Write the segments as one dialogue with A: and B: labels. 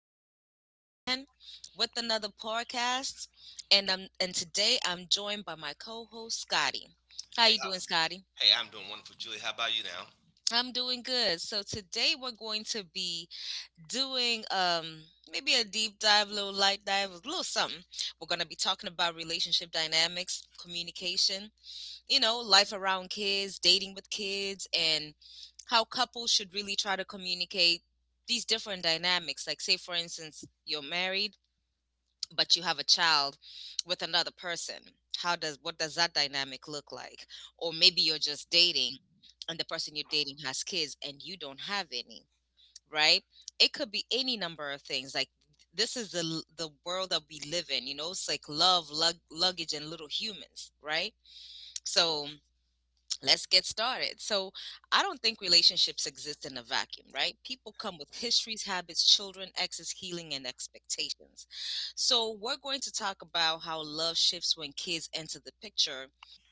A: back at it again with another podcast. And today I'm joined by my co-host Scotty. How
B: Hey,
A: you doing,
B: how's
A: Scotty?
B: hey, I'm doing wonderful, Julie. How about you now?
A: I'm doing good. So today we're going to be doing maybe a deep dive, a little light dive, a little something. We're gonna be talking about relationship dynamics, communication, you know, life around kids, dating with kids, and how couples should really try to communicate these different dynamics. Like, say, for instance, you're married, but you have a child with another person. How does what does that dynamic look like? Or maybe you're just dating and the person you're dating has kids and you don't have any, right? It could be any number of things. Like this is the world that we live in, you know? It's like luggage and little humans, right? So let's get started. So, I don't think relationships exist in a vacuum, right? People come with histories, habits, children, exes, healing, and expectations. So, we're going to talk about how love shifts when kids enter the picture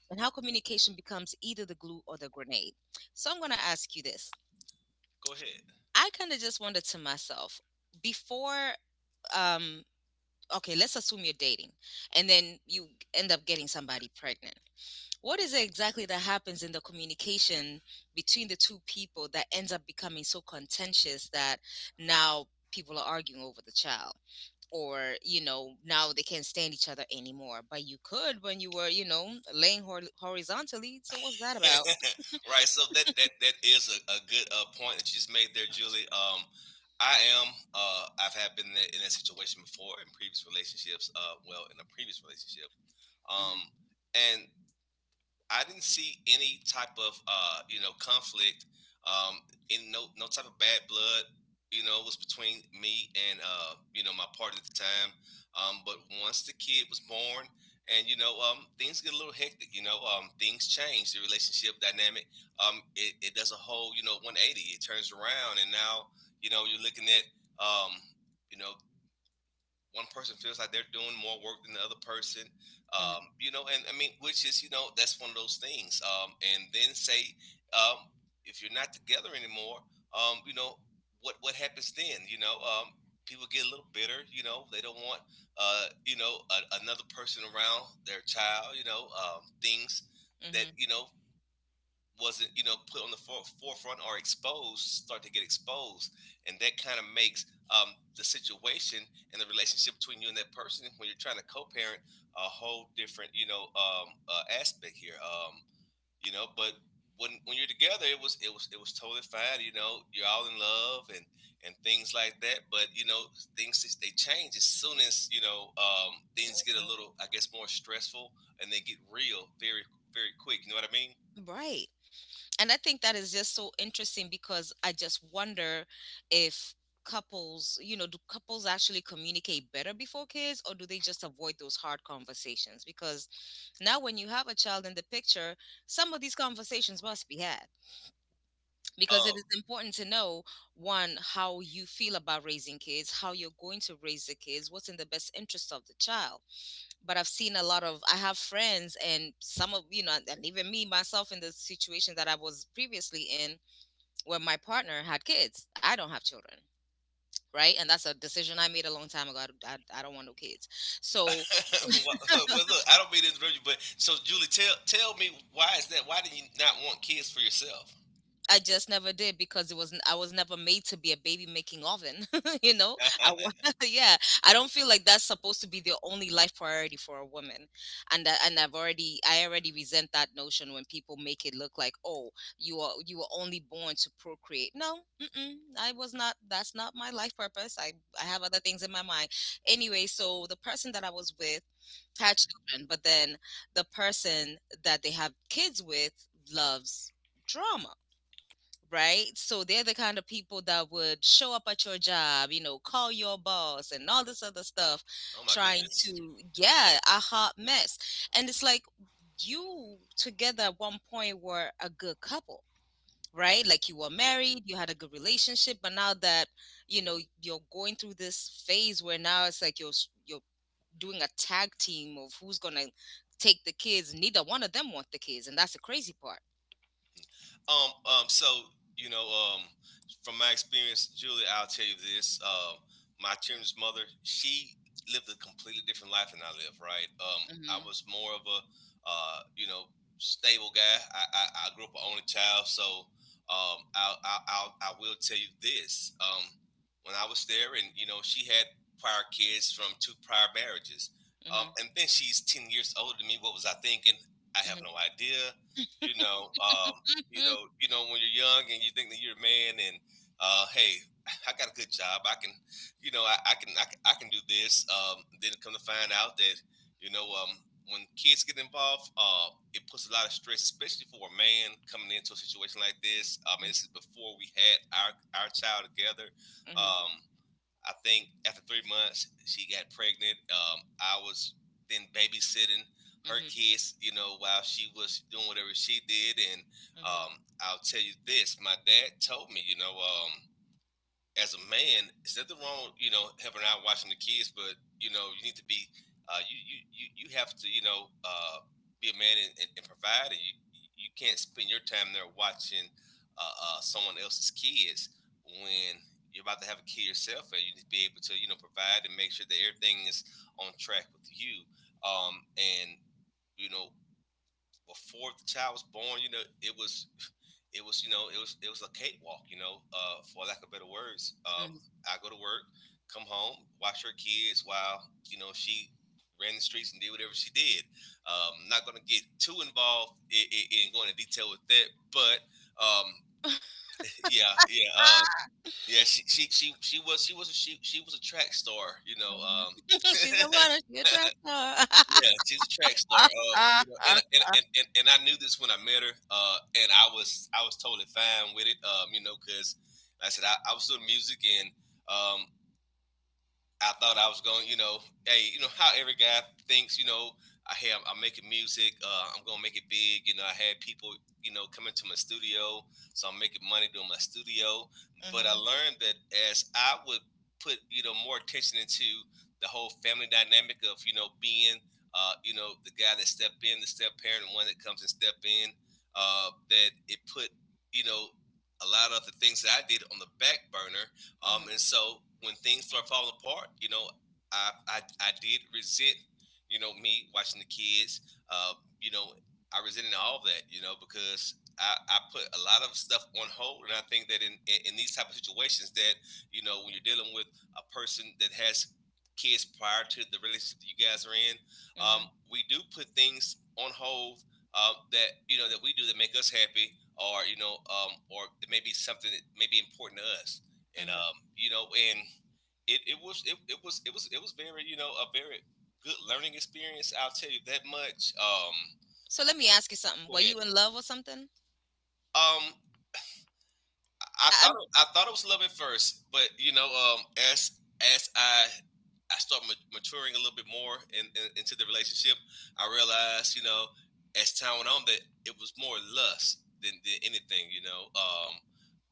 A: and how communication becomes either the glue or the grenade. So, I'm going to ask you this.
B: Go ahead.
A: I kind of just wondered to myself before, um, okay, let's assume you're dating and then you end up getting somebody pregnant. What is it exactly that happens in the communication between the two people that ends up becoming so contentious that now people are arguing over the child? Or, you know, now they can't stand each other anymore. But you could when you were, you know, laying horizontally. So what's that about?
B: Right. So that is a good point that you just made there, Julie. I am. I've had been in that situation before in previous relationships. Well, in a previous relationship. Um,
A: Hmm.
B: and I didn't see any type of conflict, um, in no type of bad blood. You know, it was between me and my partner at the time. But once the kid was born, and things get a little hectic. Things change. The relationship dynamic, it does a whole 180. It turns around, and now you're looking at, um, you know one person feels like they're doing more work than the other person,
A: Hmm.
B: and I mean, which is, that's one of those things. And then say, um, if you're not together anymore, um, you know what happens then? People get a little bitter. They don't want another person around their child. Things that
A: Hmm.
B: wasn't put on the forefront or exposed start to get exposed. And that kind of makes the situation and the relationship between you and that person when you're trying to co-parent a whole different, aspect here. But when you're together, it was totally fine. You know, you're all in love and things like that. But things, they change as soon as, things get a little, I guess, more stressful, and they get real, very very quick. You know what I mean?
A: Right. And I think that is just so interesting because I just wonder if couples, you know, do couples actually communicate better before kids or do they just avoid those hard conversations? Because now, when you have a child in the picture, some of these conversations must be had because it
B: Um.
A: is important to know one, how you feel about raising kids, how you're going to raise the kids, what's in the best interest of the child. But I've seen a lot of, I have friends, and some of, you know, and even me, myself, in the situation that I was previously in where my partner had kids. I don't have children. Right. And that's a decision I made a long time ago. I don't want no kids. So
B: Well, well, look, I don't mean to interrupt you, but so Julie, tell me, why is that? Why do you not want kids for yourself?
A: I just never did because it wasn't. I was never made to be a baby making oven. You know, I wa-
B: Oh
A: yeah. I don't feel like that's supposed to be the only life priority for a woman, and I already resent that notion when people make it look like, oh, you were only born to procreate. No, mm-mm, I was not. That's not my life purpose. I have other things in my mind. Anyway, so the person that I was with had children, but then the person that they have kids with loves drama, right? So they're the kind of people that would show up at your job, you know, call your boss and all this other stuff,
B: my
A: trying
B: goodness.
A: to, yeah, a hot mess. And it's like you together at one point were a good couple, right? Like you were
B: Yeah.
A: married, you had a good relationship, but now that, you know, you're going through this phase where now it's like you're doing a tag team of who's going to take the kids. Neither one of them want the kids, and that's the crazy part.
B: So you know, um, from my experience, Julie, I'll tell you this: my children's mother, she lived a completely different life than I live. Right? I
A: Mhm.
B: was more of a, uh, you know, stable guy. I grew up an only child, so I will tell you this: when I was there, and she had prior kids from two prior marriages,
A: Mhm.
B: and then she's 10 years older than me. What was I thinking? I have
A: Mhm.
B: no idea. You know, um,
A: Mhm.
B: when you're young and you think that you're a man, and hey, I got a good job. I can, I can do this. Then come to find out that, you know, um, when kids get involved, it puts a lot of stress, especially for a man coming into a situation like this. I mean, this is before we had our child together.
A: Mhm,
B: Um, I think after 3 months she got pregnant. I was then babysitting her
A: mhm,
B: kids, you know, while she was doing whatever she did. And um,
A: mhm,
B: I'll tell you this: my dad told me, as a man, is nothing wrong with, helping out watching the kids, but you know, you need to be, you have to, be a man and, and provide. And you can't spend your time there watching someone else's kids when you're about to have a kid yourself, and you need to be able to, provide and make sure that everything is on track with you. And you know, before the child was born, it was a cakewalk, for lack of better words.
A: mhm, mhm.
B: I go to work, come home, watch her kids while she ran the streets and did whatever she did. Not going to get too involved in, going into detail with that, but um, yeah, yeah, um, yeah. She was, she, was, a, she was a track star, you know.
A: She's a runner, she a track star.
B: Yeah, she's a track star. You know, and I knew this when I met her. And I was totally fine with it. You know, cause like I said, I was doing music, and um I thought I was going, you know, hey, you know how every guy thinks, you know, I'm making music, I'm gonna make it big, you know. I had people, coming to my studio, so I'm making money doing my studio. But I
A: Mhm,
B: learned that as I would put, more attention into the whole family dynamic of, being, the guy that step in, the step parent, the one that comes and step in, that it put, you know, a lot of the things that I did on the back burner, and
A: mhm,
B: so when things start falling apart, I did resent, me watching the kids. Uh, you know, I resented all of that, because I put a lot of stuff on hold, and I think that in, these type of situations, that when you're dealing with a person that has kids prior to the relationship that you guys are in,
A: mhm,
B: we do put things on hold, that that we do that make us happy, or or it may be something that may be important to us, and
A: mhm.
B: and it was it, it was it was it was very, you know, a very good learning experience. I'll tell you that much.
A: So let me ask you something.
B: Go
A: Were
B: ahead.
A: you in love or something?
B: Um,
A: I- I'm.
B: I thought it was love at first, but as as I maturing a little bit more in, into the relationship, I realized, as time went on, that it was more lust than anything, you know.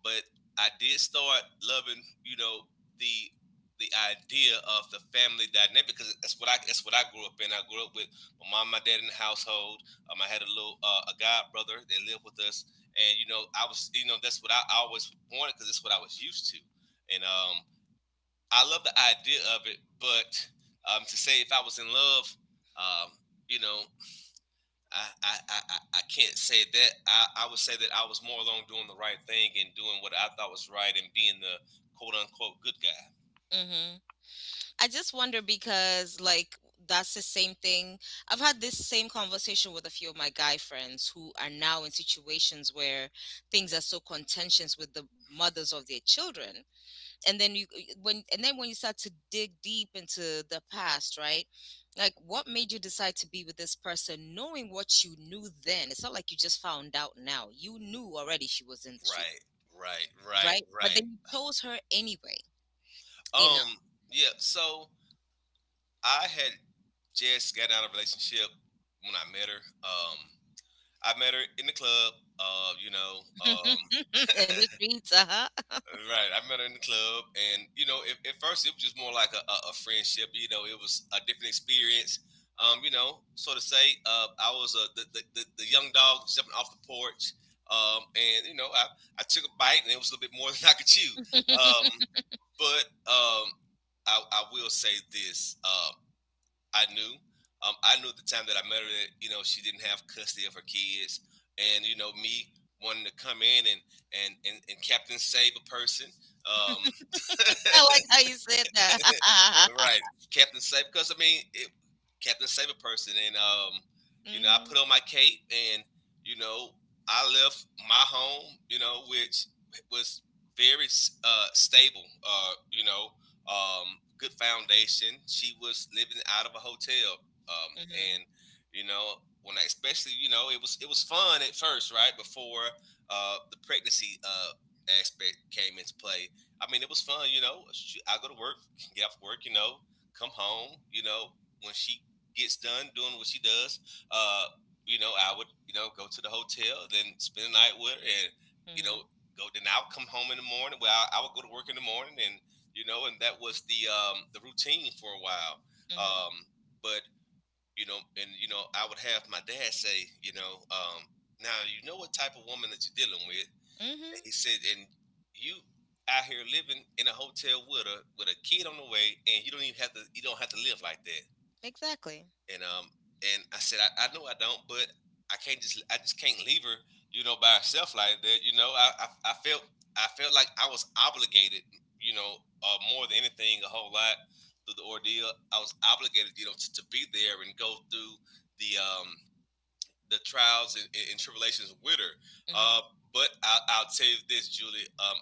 B: But I did start loving, the the idea of the family dynamic, because that's what I, that's what I grew up in. I grew up with my mom, and my dad, in the household. I had a little a god brother that lived with us, and I was that's what I always wanted, because that's what I was used to, and I love the idea of it, but to say if I was in love, um you know I I I, I- can't say that I would say that I was more along doing the right thing and doing what I thought was right, and being the quote unquote good guy.
A: Hmm. I just wonder because like that's the same thing. I've had this same conversation with a few of my guy friends who are now in situations where things are so contentious with the mothers of their children. And then you when and then when you start to dig deep into the past, right? Like
B: Mm.
A: what made you decide to be with this person knowing what you knew then? It's not like you just found out now. You knew already she was in the street,
B: Right, right, right,
A: right? But
B: right.
A: then you chose her anyway, you know.
B: Um, yeah. So I had just gotten out of a relationship when I met her. I met her in the club. Uh, you know, um,
A: In the streets, uh-huh.
B: right. I met her in the club, and at first it was just more like a, a friendship. You know, it was a different experience. So to say, I was, the young dog jumping off the porch. And I took a bite, and it was a little bit more than I could chew. Um, but um, I will say this. I knew. I knew at the time that I met her that she didn't have custody of her kids, and me wanting to come in and and captain save a person. Um,
A: I like how you said that.
B: Right. Captain Safe, because I mean, it, kept it Safe, a person, and you know, I
A: Mhm,
B: put on my cape, and you know, I left my home, which was very stable, good foundation. She was living out of a hotel, and
A: mhm,
B: you know, when I especially, it was fun at first, right before the pregnancy aspect came into play. I mean, it was fun, you know. I go to work, get off work, come home, when she gets done doing what she does, uh, I would, go to the hotel, then spend the night with her and, you know,
A: mhm,
B: go, then I would come home in the morning. Well, I would go to work in the morning, and and that was the, the routine for a while.
A: mhm,
B: Um, but I would have my dad say, now you know what type of woman that you're dealing with.
A: mhm.
B: And he said, and you out here living in a hotel with a kid on the way, and you don't even have to live like that.
A: Exactly.
B: And um and I said, I know I don't, but I can't just I just can't leave her, you know, by herself like that. You know, I felt I felt like I was obligated, more than anything, a whole lot through the ordeal. I was obligated, you know, to be there and go through the um the trials and, tribulations with her.
A: Mhm,
B: Uh, but I'll tell you this, Julie.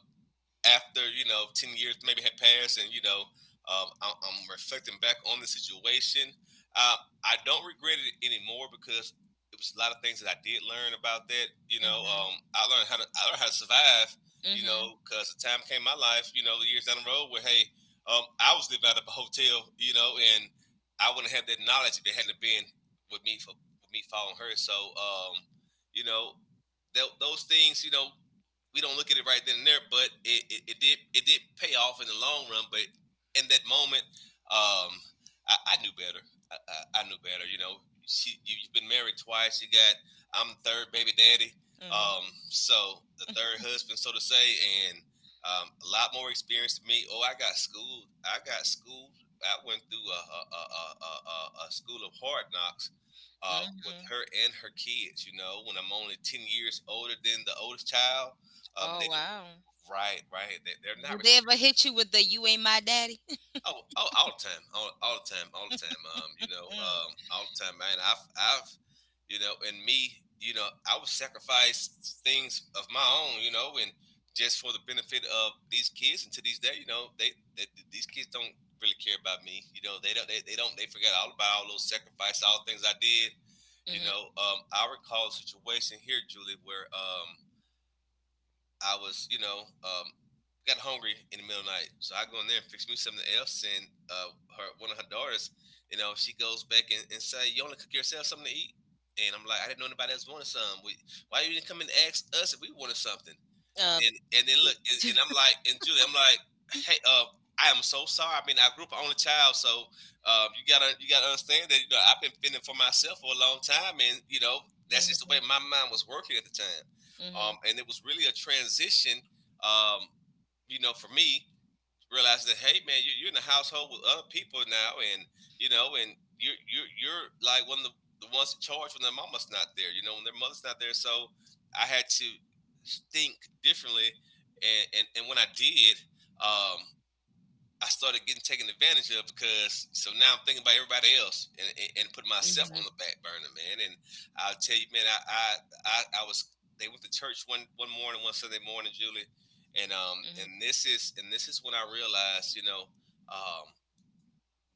B: After you know 10 years maybe had passed, and I'm reflecting back on the situation. Uh, I don't regret it anymore because it was a lot of things that I did learn about that. You know,
A: mhm,
B: I learned how to survive. You
A: mhm,
B: know, because the time came in my life. You know, the years down the road where hey, I was living out of a hotel. You know, and I wouldn't have that knowledge if it hadn't have been with me for with me following her. So, you know, tho- those things. You know, we don't look at it right then and there, but it, it did pay off in the long run. But in that moment, um, I knew better. I knew better. You know, she you, you've been married twice. You got. I'm the third baby daddy.
A: mhm,
B: So the third husband, so to say, and a lot more experience than me. Oh, I got schooled. I got schooled. I went through a school of hard knocks with
A: mhm.
B: her and her kids. You know, when I'm only 10 years older than the oldest child,
A: Oh,
B: they
A: wow.
B: don't- right, right. They're
A: Do
B: not
A: they
B: respect.
A: ever hit you with the "You ain't my daddy"?
B: Oh, oh, all the time, all the time, all the time.
A: Mm.
B: All the time, man. And me, you know, I would sacrifice things of my own, you know, and just for the benefit of these kids. And to these day, you know, they these kids don't really care about me. You know, they don't, they forget all about all those sacrifices, all the things I did. You know,
A: Mhm.
B: I recall a situation here, Julie, where I was, you know, got hungry in the middle of the night, so I go in there and fix me something else. And her one of her daughters, you know, she goes back and say, "You only cook yourself something to eat." And I'm like, I didn't know anybody else wanted some. We, why you didn't come and ask us if we wanted something?
A: Uh,
B: And I'm like, and Julie, I'm like, hey, I am so sorry. I mean, I grew up an only child, so you gotta understand that you know I've been fending for myself for a long time, and you know that's just the way
A: mhm,
B: my mind was working at the time,
A: mhm,
B: and it was really a transition, um, you know, for me realize that hey man you're in a household with other people now and you know and you're like one of the ones in charge when their mama's not there you know when their mother's not there. So I had to think differently and when I did um I started getting taken advantage of because so now I'm thinking about everybody else and put myself
A: mhm,
B: on the back burner, man. And I'll tell you, man, I was they went to church one morning, one Sunday morning, Julie, and um
A: mhm,
B: and this is and this is when I realized, you know, um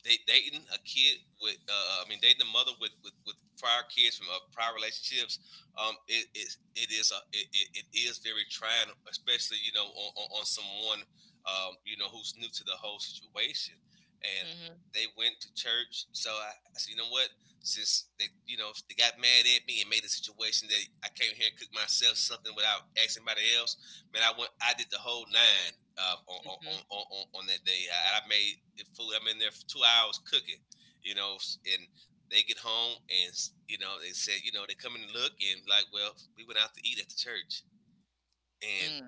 B: they dating a kid with I mean dating a mother with prior kids from prior relationships. um it it, it is it is very trying, especially you know on someone you know who's new to the whole situation. And
A: mhm,
B: they went to church, so I said you know what, since they you know they got mad at me and made a situation that I came here and cooked myself something without asking anybody else. Man, I went, I did the whole nine
A: mhm,
B: on that day. I made food. I'm in there for 2 hours cooking, you know, and they get home and you know they said, you know, they come in and look and like, well, we went out to eat at the church, and
A: mm,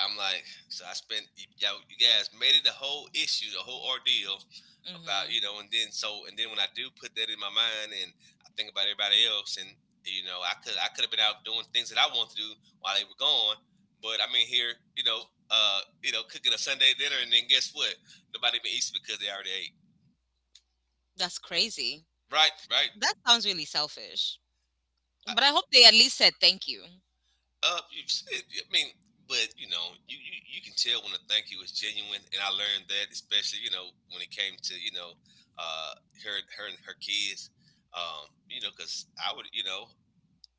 B: I'm like, so I spent y'all, you guys made it a whole issue, the whole ordeal about
A: mhm.
B: you know, and then so and then when I do put that in my mind and I think about everybody else, and you know, I could have been out doing things that I wanted to do while they were gone, but I'm in here, you know, cooking a Sunday dinner, and then guess what? Nobody even eats it because they already ate.
A: That's crazy.
B: Right, right.
A: That sounds really selfish. But I hope they at least said thank you.
B: Uh, you- I mean, but you know, you can tell when a thank you is genuine, and I learned that, especially you know when it came to you know, uh, her and her kids, you know, because I would you know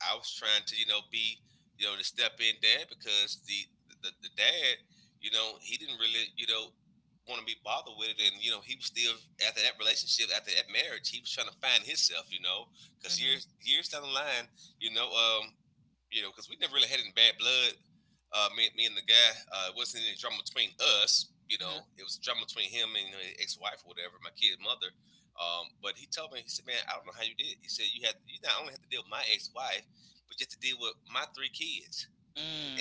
B: I was trying to you know be you know to step in dad because the dad you know he didn't really you know want to be bothered with it and you know he was still after that relationship after that marriage he was trying to find himself you know because
A: Mhm,
B: years down the line you know um you know, because we never really had any bad blood. Me and the guy, it wasn't any drama between us. You
A: mhm,
B: know, it was drama between him and you know, his ex-wife or whatever, my kid's mother. But he told me, he said, "Man, I don't know how you did it." He said, "You had you not only had to deal with my ex-wife, but you had to deal with my three kids,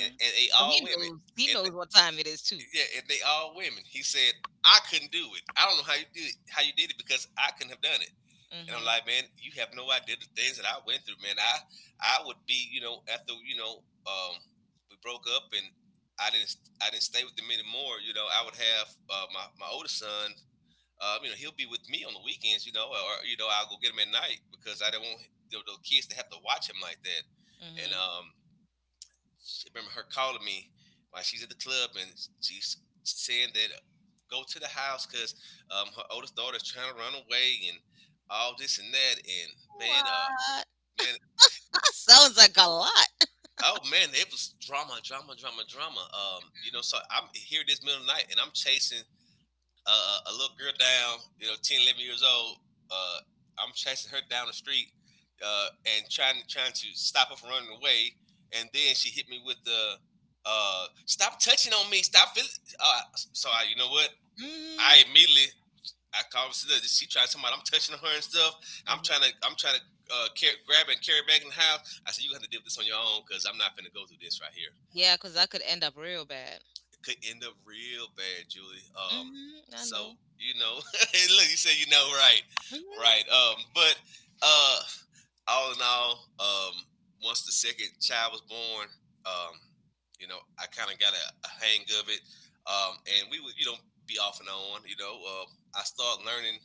B: and they
A: So
B: all
A: he
B: women,
A: knows. He
B: and
A: knows
B: the,
A: what time it is too.
B: yeah, and they all women." He said, "I couldn't do it. I don't know how you did it because I couldn't have done it." And I'm
A: Mhm,
B: like, man, you have no idea the things that I went through, man. I would be, you know, after we broke up and I didn't I didn't stay with them anymore. You know, I would have my oldest son. You know, he'll be with me on the weekends. You know, or you know, I'll go get him at night because I do not want the kids to have to watch him like that. And
A: mhm.
B: she, remember her calling me while she's at the club and she's saying that go to the house because her oldest daughter is trying to run away and all this and that. And man,
A: What?
B: man,
A: That sounds like a lot.
B: oh man, it was drama, drama, drama, drama. You know, so I'm here this middle of the night and I'm chasing a little girl down, you know, 10, 11 years old. Uh, I'm chasing her down the street, uh, and trying to stop her from running away. And then she hit me with the stop touching on me, stop feeling. Uh, so I, you know what?
A: Mhm,
B: I immediately I called her. She tried to tell me I'm touching her and stuff.
A: mhm.
B: I'm trying to grab and carry back in the house. I said, you have to deal with this on your own because I'm not gonna go through this right here
A: Yeah, because that could end up real bad.
B: could end up real bad, Julie.
A: Mhm, I
B: So
A: know.
B: you know, look, you say you know, right, right.
A: Mhm.
B: But uh, all in all, once the second child was born, um, you know, I kind of got a hang of it, and we would, you know, be off and on. You know, I started learning.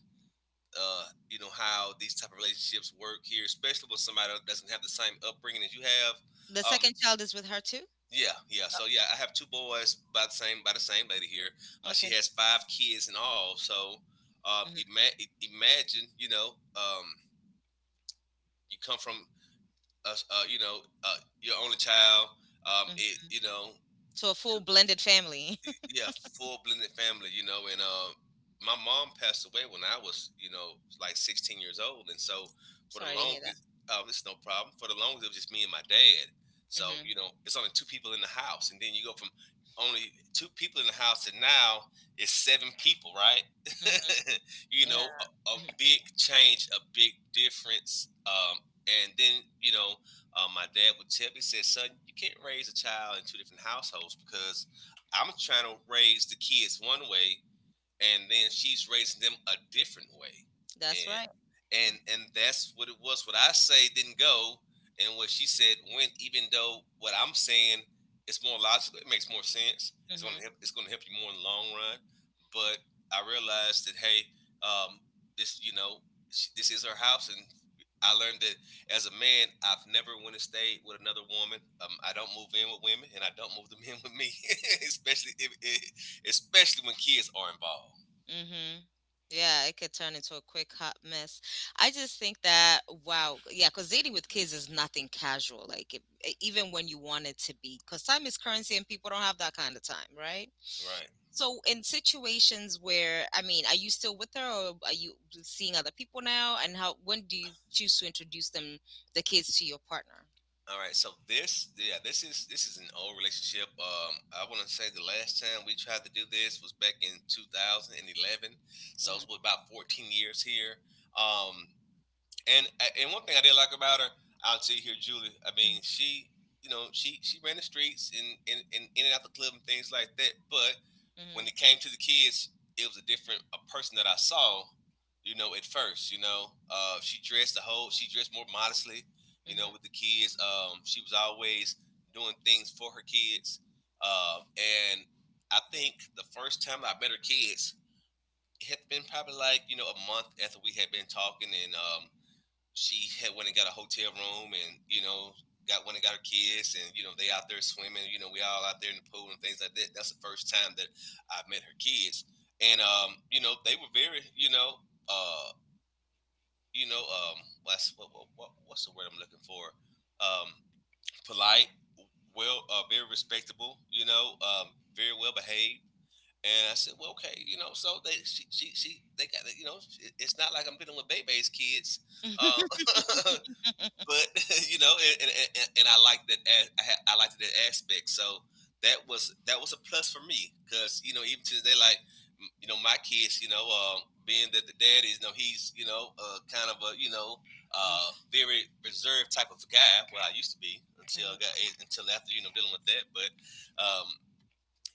B: You know how these type of relationships work here, especially with somebody that doesn't have the same upbringing as you have.
A: The
B: um,
A: second child is with her too.
B: yeah, yeah. So yeah, I have two boys by the same lady here. She
A: Okay.
B: has five kids in all. So
A: Mhm,
B: imagine, you know, you come from us, your only child. Um,
A: mhm.
B: it, you know,
A: So a full blended family.
B: yeah, full blended family, you know, and my mom passed away when I was, you know, like 16 years old, and so for the
A: Sorry to hear that.
B: longest, it's no problem. For the longest, it was just me and my dad. So
A: Mhm,
B: you know, it's only two people in the house, and then you go from only two people in the house to now it's seven people, right?
A: mhm.
B: You know,
A: Yeah,
B: a
A: mhm.
B: big change, a big difference, and then my dad would tell me, he said, "Son, you can't raise a child in two different households because." I'm trying to raise the kids one way, and then she's raising them a different way,
A: That's
B: and
A: right.
B: and that's what it was. What I say didn't go, and what she said went, even though what I'm saying is more logical. It makes more sense. It's going to help,
A: Hmm.
B: it's going to help you more in the long run. But I realized that, hey um this you know she, this is her house. And I learned that as a man, I've never went and stayed with another woman. I don't move in with women, and I don't move the men with me. Especially if, especially when kids are involved.
A: Hmm. Yeah, it could turn into a quick hot mess. I just think that wow, yeah, because dating with kids is nothing casual. Like it, even when you want it to be, because time is currency and people don't have that kind of time, right?
B: Right.
A: So in situations where, I mean, are you still with her or are you seeing other people now? And how when do you choose to introduce them, the kids, to your partner?
B: All right. So this, yeah, this is an old relationship. I want to say the last time we tried to do this was back in 2011. So it's
A: Hmm.
B: been about 14 years here. Um, and one thing I did like about her, I'll tell you here, Julie. I mean, she, you know, she ran the streets and in and out the club and things like that. But when it
A: Hmm.
B: came to the kids, it was a different a person that I saw. You know, at first, she dressed the whole. She dressed more modestly. You know, with the
A: Hmm.
B: kids, she was always doing things for her kids. And I think the first time I met her kids, it had been probably like you know a month after we had been talking, and She had went and got a hotel room, and you know got went and got her kids, and you know they out there swimming, you know we all out there in the pool and things like that. That's the first time that I met her kids. And you know they were very, uh you know um what's what's the word I'm looking for? um polite, very respectable, very well behaved. And I said, well, okay, you know, so they, she they got, you know, it's not like I'm dealing with Bebe's kids. uh,
A: Hmm.
B: but you know, and I like that. I liked that aspect. So that was a plus for me, because you know even to today, like you know, my kids, you know, being that the dad is, you know, he's you know, kind of a you know, very reserved type of guy. Well, I used to be until I
A: Hmm.
B: got until after you know dealing with that. But um,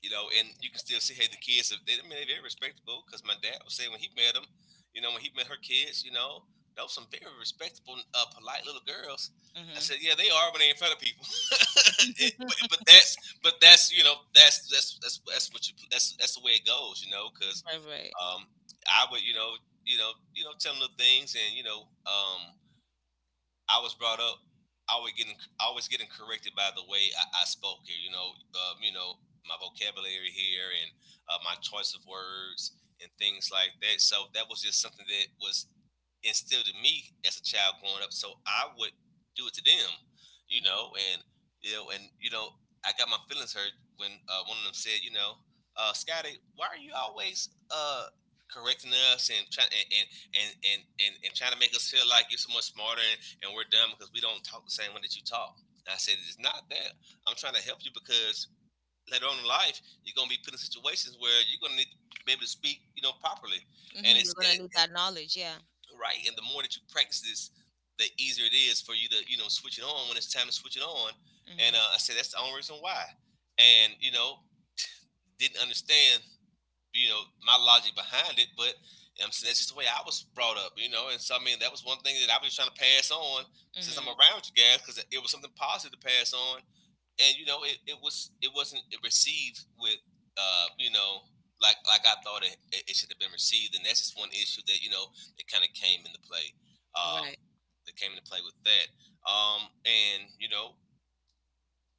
B: you know, and you can still see, hey, the kids, they, I mean, they're very respectable, because my dad would say when he met them, you know, when he met her kids, you know, those some very respectable, polite little girls. I said,
A: Hmm.
B: yeah, they are when they in front of people. It- but, but that's, but that's, you know, that's the way it goes, you know, because
A: Right, right.
B: um, I would, you know, tell them little things and, you know, I was brought up always getting always getting corrected by the way I spoke here. You know my vocabulary here, and my choice of words and things like that. So that was just something that was instilled in me as a child growing up. So I would do it to them, you know, and you know, and you know, I got my feelings hurt when one of them said, you know, Scotty, why are you always correcting us and trying to make us feel like you're so much smarter, and we're dumb because we don't talk the same way that you talk. And I said it's not that. I'm trying to help you because later on in life you're gonna be put in situations where you're gonna need to be able to speak, you know, properly. And
A: Hmm.
B: it's
A: You're
B: and
A: gonna
B: it,
A: need that knowledge, yeah.
B: right. And the more that you practice this, the easier it is for you to you know switch it on when it's time to switch it on. And
A: Hmm.
B: I said that's the only reason why. And you know didn't understand you know my logic behind it, but you know what I'm saying that's just the way I was brought up, you know. And so I mean that was one thing that I was trying to pass on since I'm
A: Hmm.
B: around you guys because it was something positive to pass on, and you know it was it wasn't received with uh you know like I thought it it should have been received, and that's just one issue that you know that kind of came into play. Um,
A: Right.
B: that came into play with that. And you know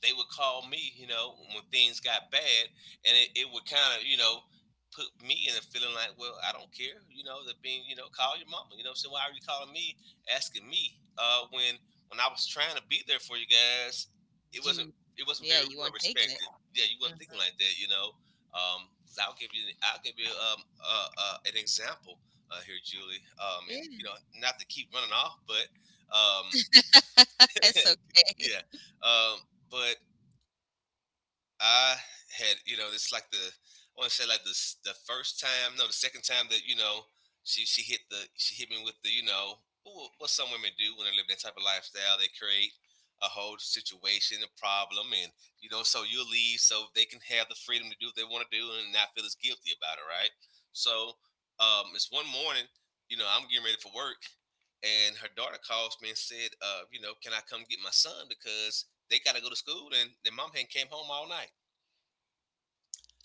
B: they would call me, you know, when things got bad, and it would kind of, you know, put me in a feeling like, well, I don't care, you know, that being, you know, call your mama, you know, so why are you calling me, asking me, when I was trying to be there for you guys, it wasn't
A: You,
B: it wasn't
A: yeah,
B: very
A: you are
B: well
A: taking it.
B: respected. Yeah, you weren't
A: Mhm.
B: thinking like that, you know. 'Cause I'll give you an example here, Julie.
A: Yeah,
B: And you know, not to keep running off, but um,
A: it's okay.
B: yeah, um, but I had, you know, it's like the I want to say like the first time, no, the second time that you know she hit the, she hit me with the you know what some women do when they live that type of lifestyle, they create a whole situation, a problem, and you know, so you'll leave so they can have the freedom to do what they want to do and not feel as guilty about it, right? So it's one morning, you know, I'm getting ready for work, and her daughter calls me and said, you know, can I come get my son because they got to go to school and their mom hadn't came home all night.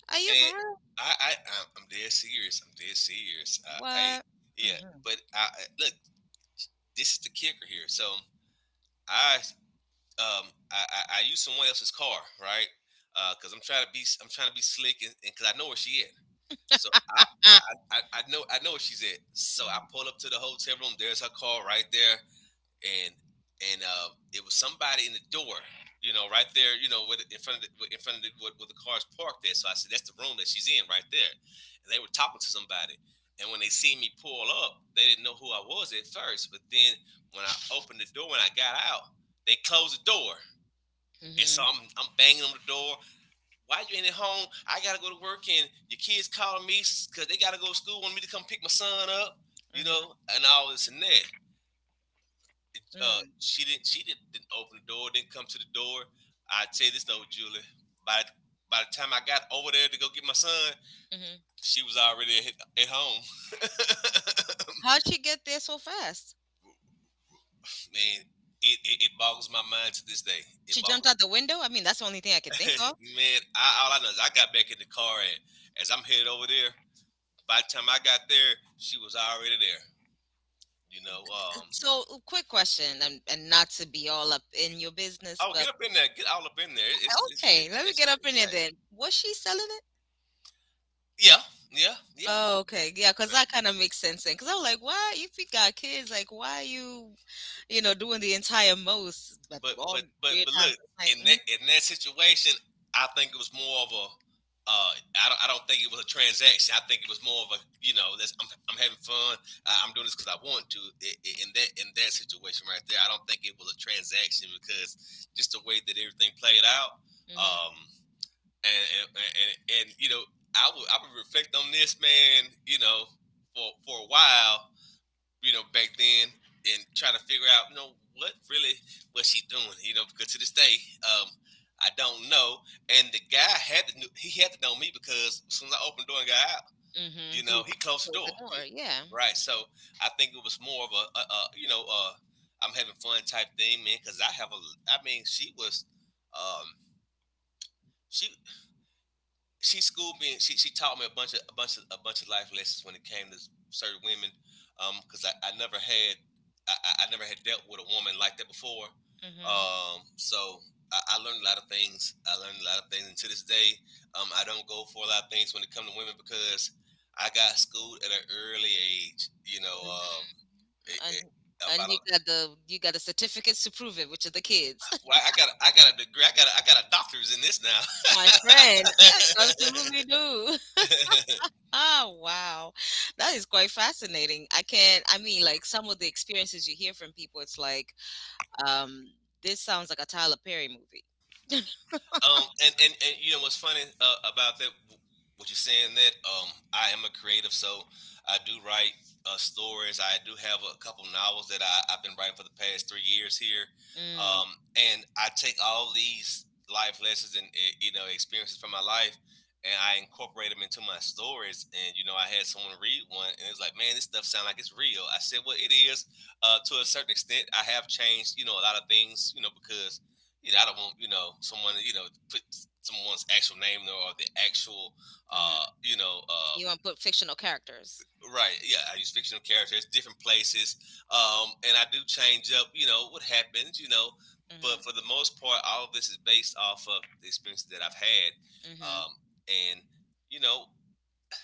A: Are you for
B: And
A: real?
B: I, I, I'm dead serious. I'm dead serious. I
A: What?
B: yeah.
A: Hmm.
B: I look. This is the kicker here. So I, I use someone else's car, right? Cause I'm trying to be, I'm trying to be slick, and cause I know where she at. So
A: Ah.
B: I know where she's at. So I
A: Hmm.
B: pull up to the hotel room. There's her car right there. And and it was somebody in the door, you know, right there, you know, with in front of the, in front of the, where the car's parked there. So I said, that's the room that she's in right there, and they were talking to somebody. And when they seen me pull up, they didn't know who I was at first. But then when I opened the door and I got out, they closed the door. And so
A: Hmm.
B: I'm banging on the door. Why you ain't at home? I gotta go to work, and your kids calling me because they gotta go to school, want me to come pick my son up, you know,
A: Hmm.
B: and all this and that. She didn't didn't open the door, didn't come to the door. I tell you this though, Julie, by by the time I got over there to go get my son,
A: Mm-hmm.
B: she was already at home.
A: How'd she get there so fast?
B: Man, it boggles my mind to this day. It
A: She jumped
B: boggles
A: out the window. I mean, that's the only thing I could think of.
B: man. I, all I know is I got back in the car and as I'm headed over there, by the time I got there, she was already there. You know,
A: So, a quick question, and, not to be all up in your business,
B: oh get
A: but
B: up in there, get all up in there.
A: okay, let me
B: It's
A: get up in
B: uh,
A: it then. Was she selling it?
B: yeah, yeah, yeah.
A: Oh, okay. Yeah, because that kind of makes sense then. Because I was like, "Why? If you got kids, like, why you, you know, doing the entire most, but
B: But
A: all weird times
B: look
A: of night?"
B: in that situation, I think it was more of a. I don't. I don't think it was a transaction. I think it was more of a. You know, that's, I'm having fun. I'm doing this because I want to. In that situation right there, I don't think it was a transaction because just the way that everything played out. Um,
A: Mm-hmm.
B: and and and, and you know, I would reflect on this man. For a while, back then and try to figure out, what really was she doing, because to this day, I don't know. And the guy had to know me because as soon as I opened the door and got out,
A: Mm-hmm. You
B: he closed the
A: close the
B: door.
A: door.
B: Yeah.
A: Yeah.
B: Right. So I think it was more of a, I'm having fun type thing, man, because I mean, she was, um, she she schooled me. And she taught me a bunch of life lessons when it came to certain women, because I never had dealt with a woman like that before.
A: Mm-hmm.
B: So I learned a lot of things. I learned a lot of things, and to this day, I don't go for a lot of things when it comes to women because I got schooled at an early age. It,
A: And
B: it,
A: and
B: about a,
A: you got the certificates to prove it, which are the kids.
B: well, I got a degree. I got a doctor's in this now.
A: My friend, you absolutely do. Oh, wow. That is quite fascinating. I can't, I mean, like some of the experiences you hear from people, it's like, um, this sounds like a Tyler Perry movie.
B: And you know what's funny about that, what you're saying that, I am a creative, so I do write stories. I do have a couple novels that I've been writing for the past 3 years here.
A: Mm,
B: And I take all these life lessons and, experiences from my life, and I incorporate them into my stories. And, I had someone read one, and it's like, "Man, this stuff sounds like it's real." I said, "Well, it is to a certain extent. I have changed, a lot of things, because I don't want someone put someone's actual name there or the actual
A: mhm.
B: uh you know uh
A: You wanna put fictional characters.
B: right, yeah, I use fictional characters different places. And I do change up what happens, but
A: Mhm,
B: for the most part all of this is based off of the experiences that I've had.
A: mhm.
B: Um and you know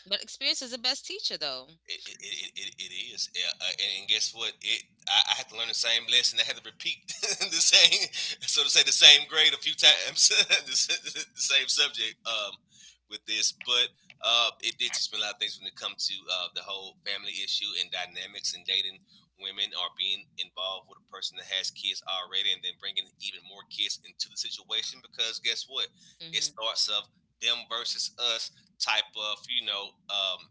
A: But experience is the best teacher, though.
B: It is, yeah. And guess what? I had to learn the same lesson. I had to repeat the same, so to say, the same grade a few times, the same subject, with this. But it did teach me a lot of things when it comes to the whole family issue and dynamics and dating women or being involved with a person that has kids already and then bringing even more kids into the situation. Because guess what? It
A: Mhm.
B: starts of them versus us type of, you know um,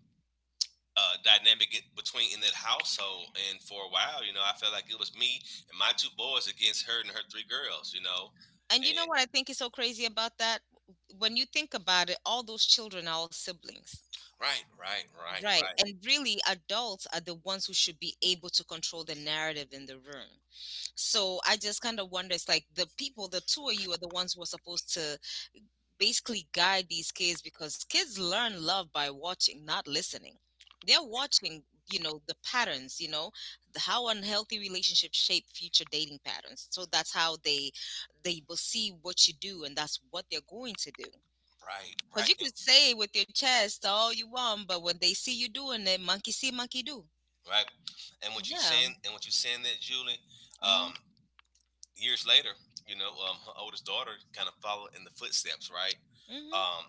B: uh, dynamic between in that household. And for a while, I felt like it was me and my two boys against her and her three girls. You know,
A: And
B: and
A: you know what I think is so crazy about that? When you think about it, all those children are all siblings.
B: Right, right, right,
A: Right.
B: right,
A: And really, adults are the ones who should be able to control the narrative in the room. So I just kind of wonder it's like the people, the two of you are the ones who are supposed to basically guide these kids because kids learn love by watching, not listening. They're watching, you know, the patterns, you know, how unhealthy relationships shape future dating patterns. So that's how they will see what you do and that's what they're going to do.
B: right,
A: Because
B: right,
A: you can say with your chest all you want, but when they see you doing it, monkey see, monkey do.
B: right. And what you
A: Yeah.
B: saying, and what you saying that, Julie,
A: Mm-hmm.
B: um, years later, her oldest daughter kind of followed in the footsteps, right?
A: Mm-hmm.
B: Um,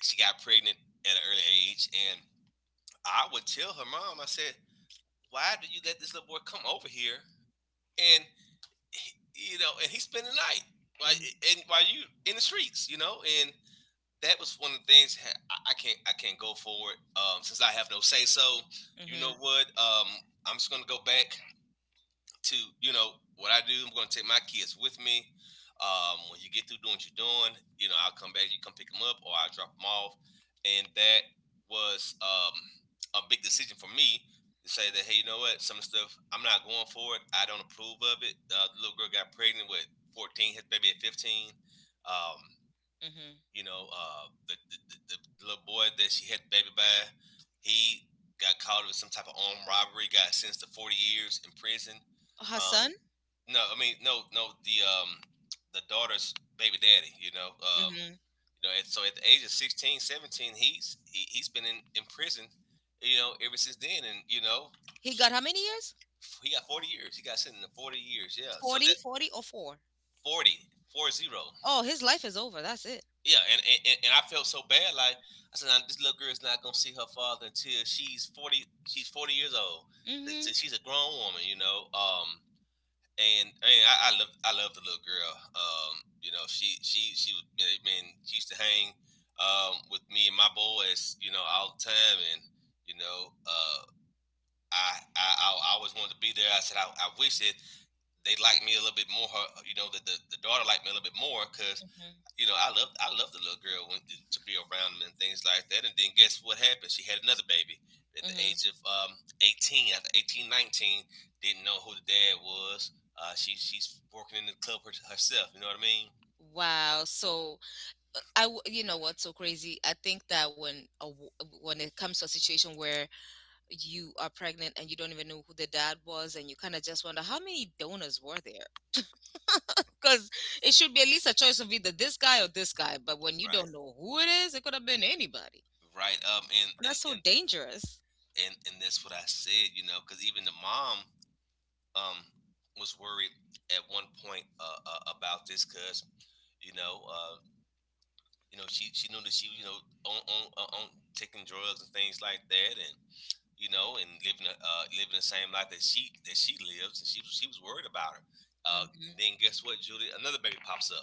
B: she got pregnant at an early age, and I would tell her mom. I said, "Why do you let this little boy come over here? And and he spent the night while,
A: Mm-hmm.
B: and while you in the streets," and that was one of the things. I can't go forward, since I have no say so. You
A: Mm-hmm.
B: know what? I'm just gonna go back to you know what I do. I'm going to take my kids with me. When you get through doing what you're doing, you know I'll come back. You come pick them up, or I will drop them off. And that was a big decision for me, to say that, hey, some of the stuff I'm not going for it. I don't approve of it. The little girl got pregnant with 14, had baby at 15. Um,
A: Mm-hmm.
B: you know, uh, the, the, the little boy that she had the baby by, he got caught with some type of armed robbery, got sentenced to 40 years in prison. Um,
A: Hassan,
B: no, I mean no, no. The daughter's baby daddy.
A: mm-hmm.
B: And so at the age of 16, 17, he's been in prison. Ever since then, and
A: He got how many years?
B: he got 40 years. He got sentenced to 40 years. Yeah. So
A: 40,
B: that,
A: 40, or four?
B: forty, four zero.
A: Oh, his life is over. That's it.
B: Yeah, and I felt so bad. Like I said, "Now, this little girl's not gonna see her father until she's 40. She's 40 years old. Till-
A: Mhm.
B: till She's a grown woman." And I mean, I love the little girl. You know, she was. I mean, she used to hang with me and my boys, all the time, and you know, uh, I I always wanted to be there. I said I wish that they liked me a little bit more. That the daughter liked me a little bit more, because
A: Mhm.
B: I love the little girl went to, be around him and things like that. And then guess what happened? She had another baby at the
A: Mhm.
B: age of 18, after 18, 19, didn't know who the dad was. She's working in the club, herself. You know what I mean?
A: Wow. So you know what's so crazy? I think that when when it comes to a situation where you are pregnant and you don't even know who the dad was and you kind of just wonder how many donors were there? Cuz it should be at least a choice of either this guy or this guy, but when you
B: Right.
A: don't know who it is, it could have been anybody.
B: Right. And
A: That's
B: and
A: so
B: and
A: dangerous.
B: and and that's what I said. Because even the mom um was worried at one point, about this, because you know uh she knew that she was, on taking drugs and things like that, and and living the same life that she lives, and she was worried about her. And then
A: Mhm.
B: guess what, Julie? Another baby pops up.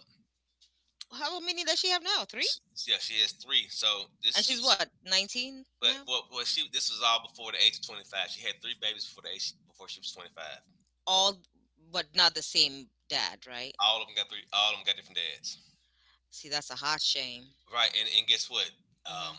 A: How many does she have now? 3?
B: She, yeah, she has three. So this
A: And
B: she,
A: she's what, 19
B: but
A: now?
B: well, well, she this was all before the age of 25. She had three babies before the age, before she was 25.
A: All but not the same dad, right?
B: All of them got three. All of them got different dads.
A: See, that's a hot shame.
B: Right, and guess what? Um,
A: Hmm.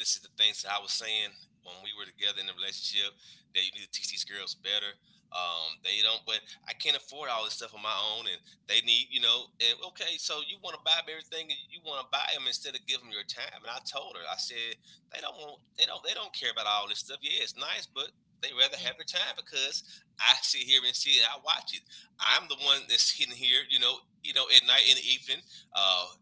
B: this is the things that I was saying when we were together in the relationship, that you need to teach these girls better. They don't. But I can't afford all this stuff on my own, and they need, and okay, so you want to buy them everything, and you want to buy them instead of give them your time. And I told her, I said, they don't want, they don't care about all this stuff. Yeah, it's nice, but they rather have your time, because I sit here and see it, I watch it. I'm the one that's sitting here, at night, in the evening, uh,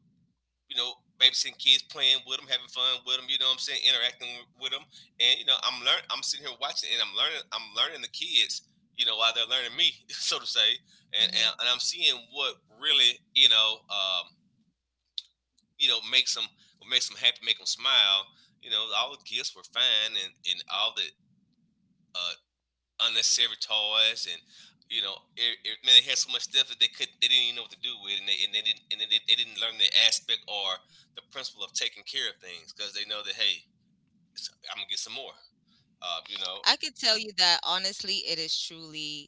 B: you know, babysitting kids, playing with them, having fun with them. You know what I'm saying? Interacting with them. And you know, I'm learn. I'm sitting here watching, and I'm learning. I'm learning the kids. While they're learning me, so to say, and and,
A: Hmm.
B: and I'm seeing what really, makes them, what makes them happy, make them smile. All the gifts were fine, and all the uh, unnecessary toys, and man, they had so much stuff that they could they didn't even know what to do with, and they didn't learn the aspect or the principle of taking care of things, because they know that, hey, I'm gonna get some more. You
A: I
B: know,
A: could tell you that honestly, it is truly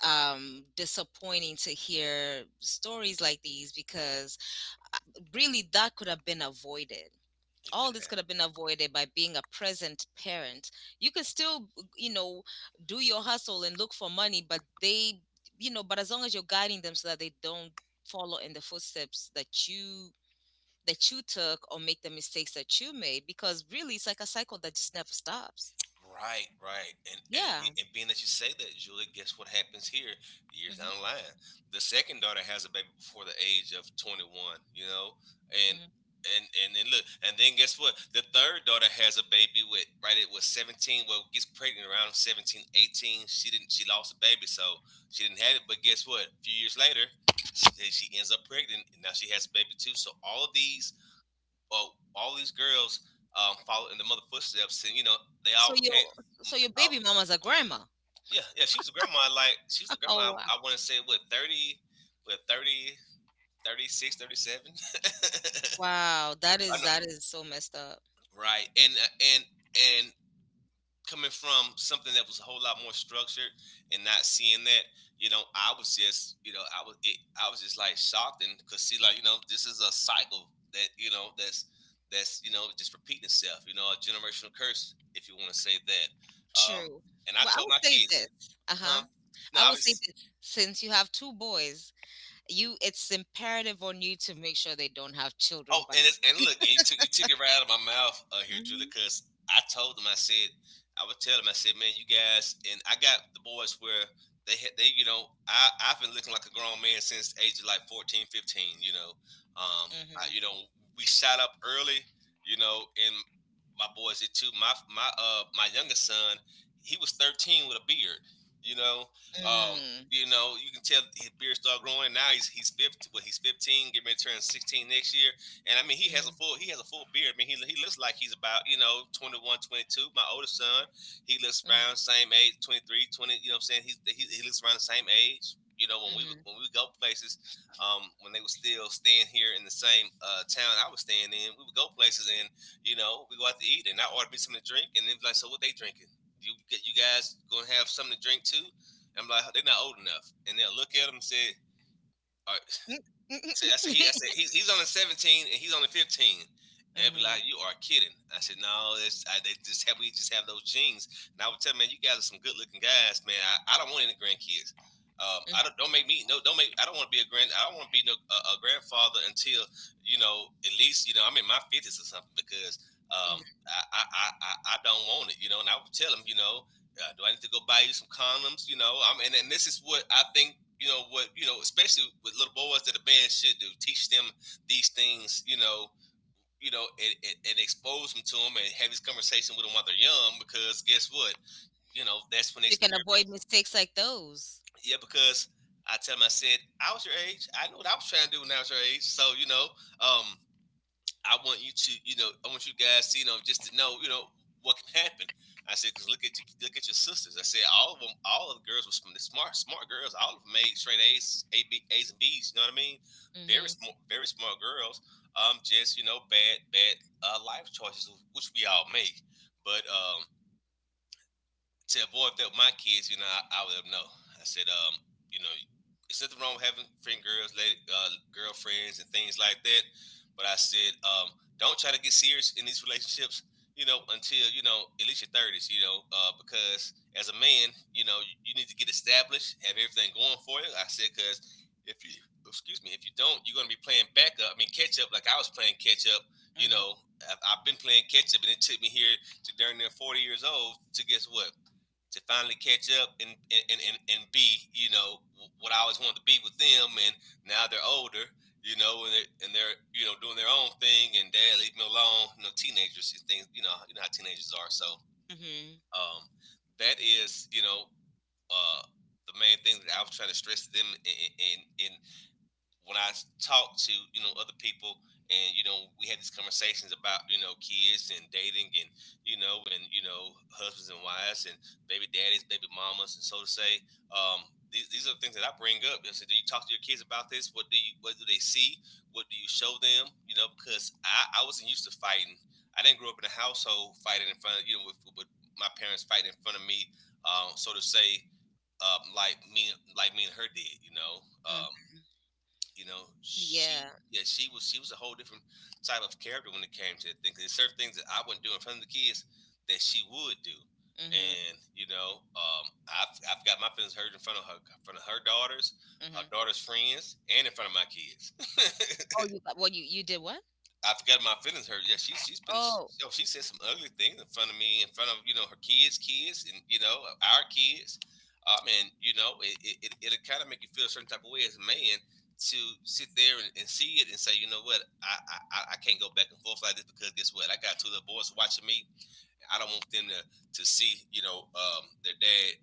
A: disappointing to hear stories like these because uh, really that could have been avoided.
B: it
A: All
B: could
A: this could have been avoided by being a present parent. You could still, you know, do your hustle and look for money, but they, you know, but as long as you're guiding them so that they don't follow in the footsteps that you took or make the mistakes that you made because really it's like a cycle that just never stops.
B: Right, right, and and be,
A: Yeah.
B: and being that you say that, Julia, guess what happens here? Years down
A: Hmm.
B: the line, the second daughter has a baby before the age of 21. And
A: Hmm.
B: and look, and then guess what? The third daughter has a baby, with right, it was 17. Well, gets pregnant around 17, 18. She didn't. She lost a baby, so she didn't have it. But guess what? A few years later, she ends up pregnant, and now she has a baby too. So, all of these well, all these girls followed in the mother footsteps, and they
A: So
B: all became.
A: your so your
B: I,
A: baby mama's a grandma.
B: yeah, yeah, she was a grandma. Like she was a grandma.
A: Oh
B: I,
A: wow.
B: I want to say what, 30, what 30, 36, 37.
A: Wow, that
B: I
A: is
B: know,
A: so messed up.
B: right? And coming from something that was a whole lot more structured and not seeing that. I was just, I was just like shocked. And cause see, like, this is a cycle that, that's, just repeating itself, you know, a generational curse, if you want to say that. Um,
A: True.
B: and I
A: Well, I
B: told
A: would
B: my
A: say
B: kids.
A: this. Uh-huh.
B: Huh? No,
A: I
B: I
A: would say
B: was,
A: this, since you have two boys, you it's imperative on you to make sure they don't have
B: Oh,
A: children. But
B: and look, and you took it right out of my mouth, here,
A: by.
B: Julie, because I told them. I said, I would tell them. I said, man, you guys, and I got the boys where you know, I've been looking like a grown man since the age of like 14, 15. You know, um,
A: Mhm.
B: you know, we shot up early, you know, and my boys did too. My youngest son, he was 13 with a beard, you know.
A: Mm.
B: You know, you can tell his beard started growing. Now he's 50. Well, he's 15. Getting ready to turn 16 next year, and I mean,
A: Mhm,
B: he has a full beard. I mean, he looks like he's about, you know, 21, 22. My oldest son, he looks
A: mhm,
B: around same age, 23, 20. You know what I'm saying? He looks around the same age. You know,
A: mhm.
B: when we would go places, when they were still staying here in the same, town I was staying in. We would go places, and you know we go out to eat, and I order me something to drink, and then be like, so what they drinking? You, get you guys gonna have something to drink too? And I'm like, they're not old enough, and they'll look at them and say, all right.
A: Mm.
B: I said, I said, he, he's only 17 and he's only 15. And they'd be
A: Mhm,
B: like, you are kidding. I said, no, they just have, we just have those genes. And I would tell them, man, you guys are some good looking guys, man. I don't want any grandkids.
A: mm,
B: I don't make me. No, don't make, I don't want to be a grand, I don't want to be no, a grandfather until, you know, at least, you know, I'm in my 50s or something, because,
A: mhm.
B: um, I, I, I, I, I don't want it, you know. And I would tell them, you know, do I need to go buy you some condoms? You know, and this is what I think. You know what, especially with little boys, that a band should do, teach them these things, you know. You know, and expose them to them, and have these conversation with them while they're young, because guess what, you know, that's when they
A: You can
B: experiment.
A: avoid mistakes like those.
B: Yeah, because I tell them, I said, I was your age, I knew what I was trying to do when I was your age, so, you know, um I want you to, you know, I want you guys to, you know, just to know, you know, what can happen. I said, because look at you, look at your sisters. I said, all of them, all of the girls were smart, smart girls. All of them made straight A's, A, B, A's and B's. You know what I mean?
A: Mhm,
B: Very smart girls. Just you know, bad, life choices, which we all make. But, to avoid that, my kids, you know, I would let 'em know. I said, you know, it's nothing wrong with having friend girls, lady, girlfriends, and things like that. But I said, don't try to get serious in these relationships, you know, until you know at least your 30s, you know, because as a man, you know, you need to get established, have everything going for you. I said, because if you, excuse me, if you don't, you're gonna be playing backup. I mean, catch up, like I was playing catch up. You
A: mhm,
B: know, I've been playing catch up, and it took me here to darn near 40 years old to guess what, to finally catch up, and be, you know, what I always wanted to be with them. And now they're older, you know, and they're, you know, doing their own thing, and dad leave me alone, you know, teenagers and things. You know, you know how teenagers are. So,
A: mhm,
B: um, that is, you know, uh, the main thing that I was trying to stress to them, in when I talk to, you know, other people. And you know we had these conversations about, you know, kids and dating, and you know, and you know, husbands and wives, and baby daddies, baby mamas, and so to say. um, these are the things that I bring up. I said, do you talk to your kids about this? What do you, what do they see? What do you show them? You know, because I wasn't used to fighting. I didn't grow up in a household fighting in front of, you know, with my parents fighting in front of me, so to say, like me, and her did. Um,
A: mm.
B: you know, she
A: Yeah.
B: yeah, she was, she was a whole different type of character when it came to that thing. 'Cause there's certain things that I wouldn't do in front of the kids that she would do.
A: Mhm,
B: And you know, I've got my feelings hurt in front of her, in front of her
A: mhm.
B: daughters' friends, and in front of my kids.
A: Oh, you got, well. You did what?
B: I forgot my feelings hurt. Yeah, she's been,
A: Oh,
B: oh, she said some ugly things in front of me, in front of, you know, her kids, kids, and you know, our kids. And you know it'll kind of make you feel a certain type of way as a man to sit there and see it and say, you know what, I can't go back and forth like this, because guess what, I got two little boys watching me. I don't want them to see, you know, their dad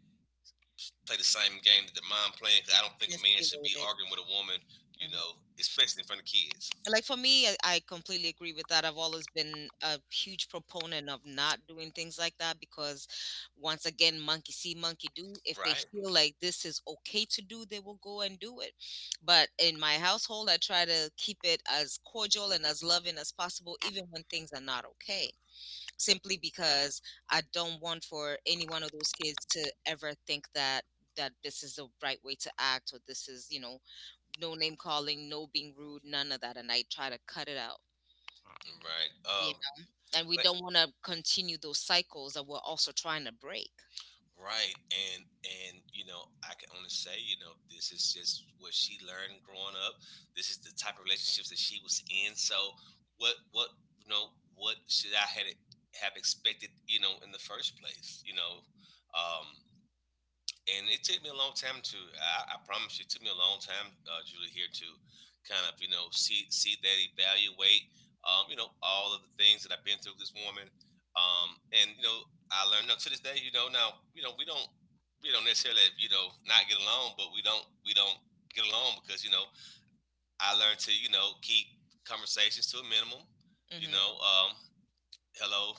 B: play the same game that their mom playing. 'Cause I don't think a man should be
A: escalated.
B: arguing with a woman, you know, especially in front of kids.
A: Like for me, I completely agree with that. I've always been a huge proponent of not doing things like that because once again, monkey see monkey do. If they
B: Right,
A: feel like this is okay to do, they will go and do it. But in my household, I try to keep it as cordial and as loving as possible, even when things are not okay, simply because I don't want for any one of those kids to ever think that this is the right way to act, or this is, no name calling, no being rude, none of that. And I try to cut it out.
B: right.
A: You
B: Um,
A: know? And we
B: but
A: don't want to continue those cycles that we're also trying to break.
B: right. And you know, I can only say, you know, this is just what she learned growing up. This is the type of relationships that she was in. So what, you know, what should I had have expected, you know, in the first place, you know? Um and it took me a long time to, I promise you it took me a long time, julie here to kind of, you know, see that, evaluate, you know, all of the things that I've been through with this woman. And you know I learned, now to this day, you know, now, you know, we don't necessarily, you know, not get along, but we don't, get along because you know I learned to, you know, keep conversations to a minimum, you
A: Hmm.
B: know, hello,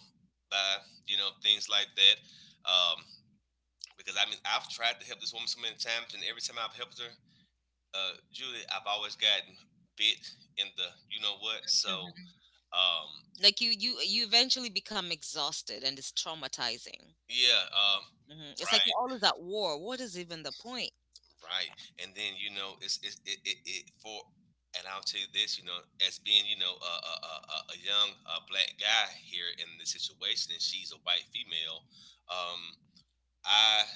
B: bye, you know, things like that, um, because I mean I've tried to help this woman so many times, and every time I've helped her, Julie, I've always gotten bit in the you know what. So,
A: Hmm.
B: um,
A: Like you eventually become exhausted and it's traumatizing.
B: yeah,
A: Hmm. It's like
B: right,
A: you're always at war. What is even the point?
B: right. And then you know it for. And I'll tell you this, you know, as being, you know, a, a young, black guy here in this situation, and she's a white female, um, I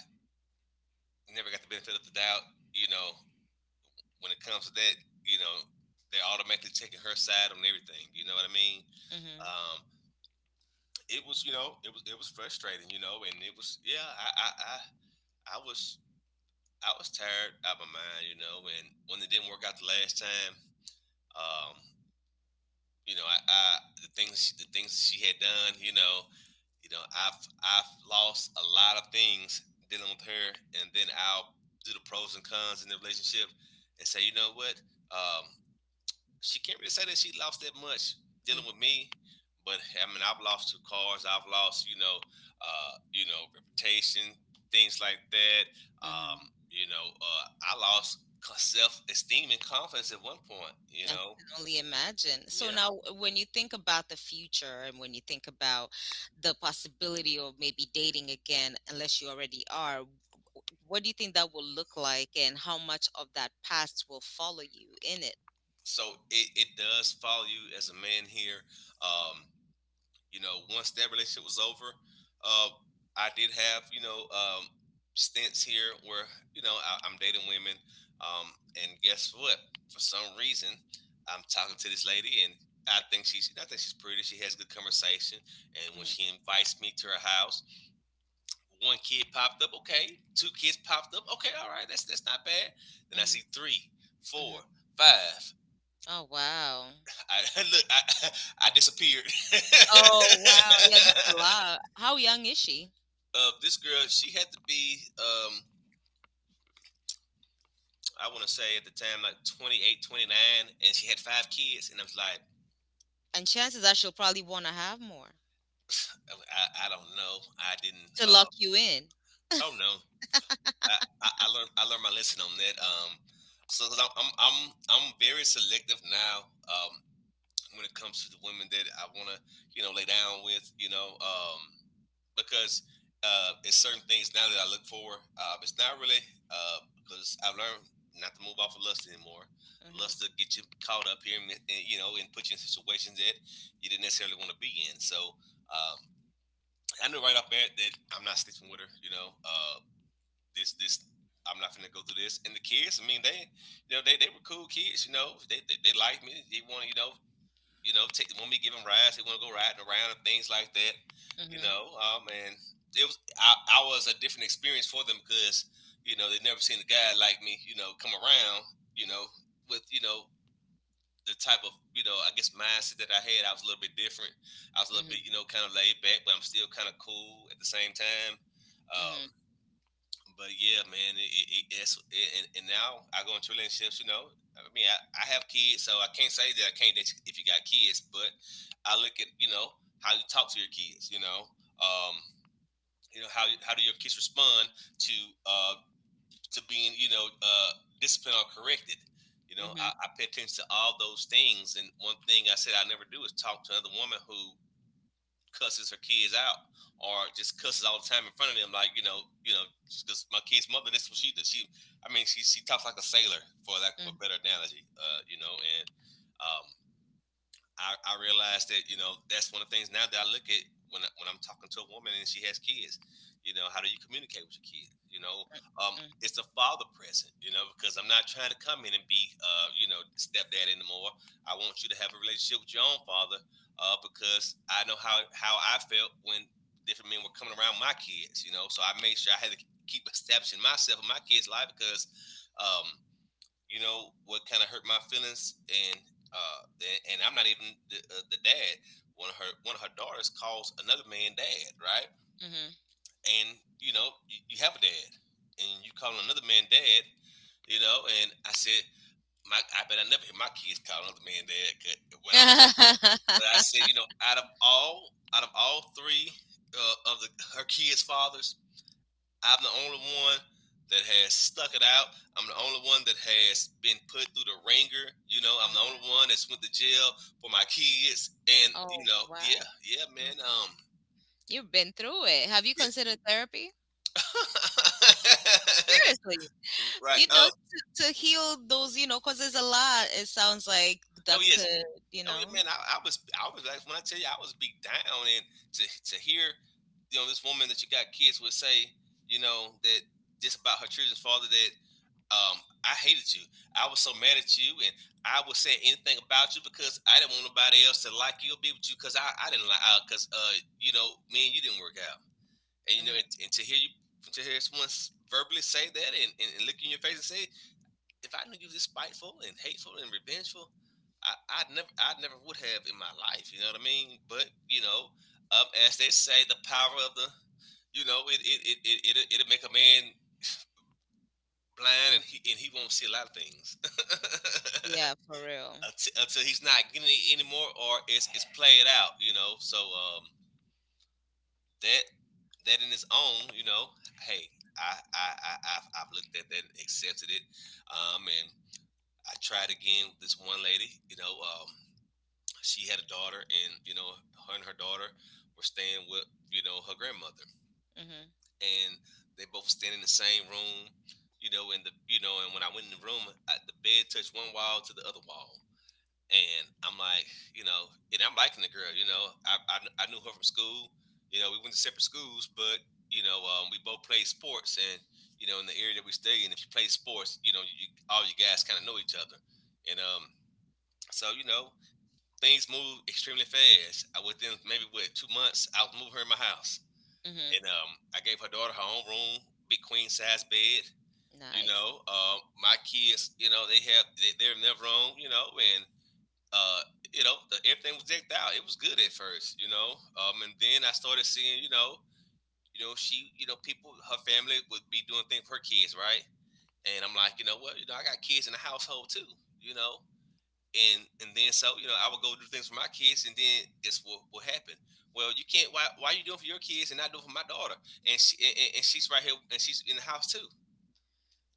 B: never got the benefit of the doubt, you know, when it comes to that, you know, they're automatically taking her side on everything. You know what I mean?
A: Mm-hmm.
B: Um, it was, you know, it was, it was frustrating, you know, and it was, yeah, I was, I was tired out of my mind, you know, and when it didn't work out the last time, um, you know, I the things she had done, you know, I've lost a lot of things dealing with her. And then I'll do the pros and cons in the relationship and say, you know what, um, she can't really say that she lost that much dealing with me. But I mean, I've lost two cars. I've lost, reputation, things like that.
A: Mm-hmm.
B: Um, I lost self esteem and confidence at one point. You
A: I
B: know,
A: can only imagine. So
B: yeah.
A: now, when you think about the future and when you think about the possibility of maybe dating again, unless you already are, what do you think that will look like, and how much of that past will follow you in it?
B: So it does follow you as a man here. Um, You know, once that relationship was over, uh, I did have stints here where I'm dating women, um, and guess what? For some reason, I'm talking to this lady, and I think she's pretty. She has good conversation, and when
A: Hmm.
B: she invites me to her house, one kid popped up. Okay, two kids popped up. Okay, all right, that's not bad. Then I
A: Hmm.
B: see three, four,
A: Hmm.
B: five.
A: Oh, wow.
B: I look, I disappeared.
A: Oh, wow. Yeah, that's a lot. How young is she?
B: of this girl, she had to be, I want to say at the time, like 28, 29, and she had five kids. And I was like,
A: And chances are she'll probably want to have more,
B: oh, don't know. I didn't,
A: to lock you in.
B: oh no. I, I learned my lesson on that. Sobecause I'm very selective now, when it comes to the women that I want to, you know, lay down with, you know, because it's certain things now that I look for. It's not really because I've learned not to move off of lust anymore.
A: Mhm,
B: Lust will get you caught up here, and, you know, and put you in situations that you didn't necessarily want to be in. So um, I knew right off bat that I'm not sleeping with her. You know, this this I'm not gonna go through this. And the kids, I mean, they, they were cool kids. You know, they liked me. They wanted, take when we give them rides, they want to go riding around and things like that. You
A: mhm,
B: know, and it was I was a different experience for them because they'd never seen a guy like me. You know, come around. You know, with the type of I guess mindset that I had. I was a little bit different. I was a little bit
A: mhm,
B: kind of laid back, but I'm still kind of cool at the same time. Um,
A: mhm,
B: but yeah, man, it- it's it, and now I go into relationships. You know, I mean, I have kids, so I can't say that I can't date if you got kids. But I look at how you talk to your kids. You know, um, how do your kids respond to uh to being, disciplined or corrected. You know,
A: mhm,
B: I pay attention to all those things. And one thing I said I never do is talk to another woman who cusses her kids out or just cusses all the time in front of them, like, because my kid's mother, that's what she does. I mean, she talks like a sailor, for lack of a
A: mhm,
B: better analogy, you know, and um, I realized that that's one of the things now that I look at when when I'm talking to a woman and she has kids. You know, how do you communicate with your kid? You know, um,
A: mhm,
B: it's a father present. You know, because I'm not trying to come in and be, stepdad anymore. I want you to have a relationship with your own father, because I know how I felt when different men were coming around my kids. You know, so I made sure I had to keep establishing myself in my kids' life because. Um, you know what kind of hurt my feelings, and I'm not even the dad. One of her daughters calls another man dad, right?
A: mhm.
B: And you know you have a dad, and you call another man dad. You know, and I said, my I bet I never hear my kids call another man dad, 'cause when I'm. But I said, you know, out of all three, of the her kids fathers, I'm the only one that has stuck it out. I'm the only one that has been put through the ringer. You know, I'm
A: Mm.
B: the only one that's went to jail for my kids. And you
A: Oh,
B: know,
A: wow.
B: yeah, yeah, man.
A: Mm. You've been through it. Have you
B: Yeah,
A: considered therapy? Seriously.
B: right.
A: You know,
B: Oh,
A: to heal those, you know, because there's a lot, it sounds like
B: oh
A: that
B: yes.
A: could, you
B: Oh yeah,
A: know.
B: man. I was like, when I tell you, I was beat down, and to hear, you know, this woman that you got kids would say, you know, that, just about her children's father, that, um, I hated you. I was so mad at you, and I would say anything about you because I didn't want nobody else to like you or be with you because I didn't like, because, you know, me and you didn't work out, and you know, and,
A: Hmm.
B: to hear someone verbally say that, and, and, look you in your face and say, if I knew you was this spiteful and hateful and revengeful, I never would have in my life. You know what I mean? But you know, as they say, the power of the, you know, it'll make a man blind, and he won't see a lot of things
A: Yeah, for real.
B: until he's not getting it anymore, or it's played out, you know. So that that in its own, you know, hey, I I I I've looked at that and accepted it, and I tried again with this one lady, you know, she had a daughter, and you know, her and her daughter were staying with, you know, her grandmother,
A: Mm-hmm.
B: and they both stand in the same room. You know, and when I went in the room, the bed touched one wall to the other wall, and I'm like, you know, and I'm liking the girl, you know, I knew her from school. You know, we went to separate schools, but, you know, we both played sports, and you know, in the area that we stay in, if you play sports, you know, all you guys kind of know each other, and, so you know, things move extremely fast. I Within maybe what 2 months, I was moving her in my house,
A: Mm-hmm.
B: and I gave her daughter her own room, big queen size bed. You
A: Nice.
B: know, my kids, you know, they, they're in their room, you know, and, uh, you know, everything was decked out. It was good at first, you know, and then I started seeing, you know, she, you know, people, her family would be doing things for her kids, right? And I'm like, you know what, you know, I got kids in the household too, you know, and then so you know I would go do things for my kids, and then it's what happened. Well, you can't. Why are you doing for your kids and not doing for my daughter? And and she's right here, and she's in the house too.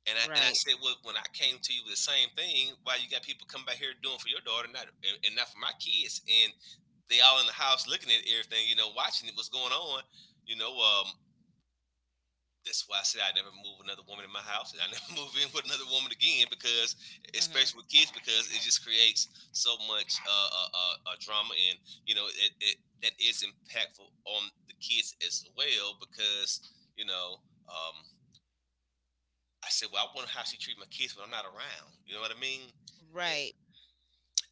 B: And I
A: Right.
B: said, well, when I came to you with the same thing, why you got people come back here doing for your daughter, not, and, and not for my kids, and they all in the house looking at everything, you know, watching it, what's going on, you know, that's why I said I never move another woman in my house, and I never move in with another woman again, because,
A: Mm-hmm.
B: especially with kids, because it just creates so much drama, and you know it that is impactful on the kids as well, because, you know, um, I said, well, I wonder how she treat my kids when I'm not around. You know what I mean? And,
A: Right.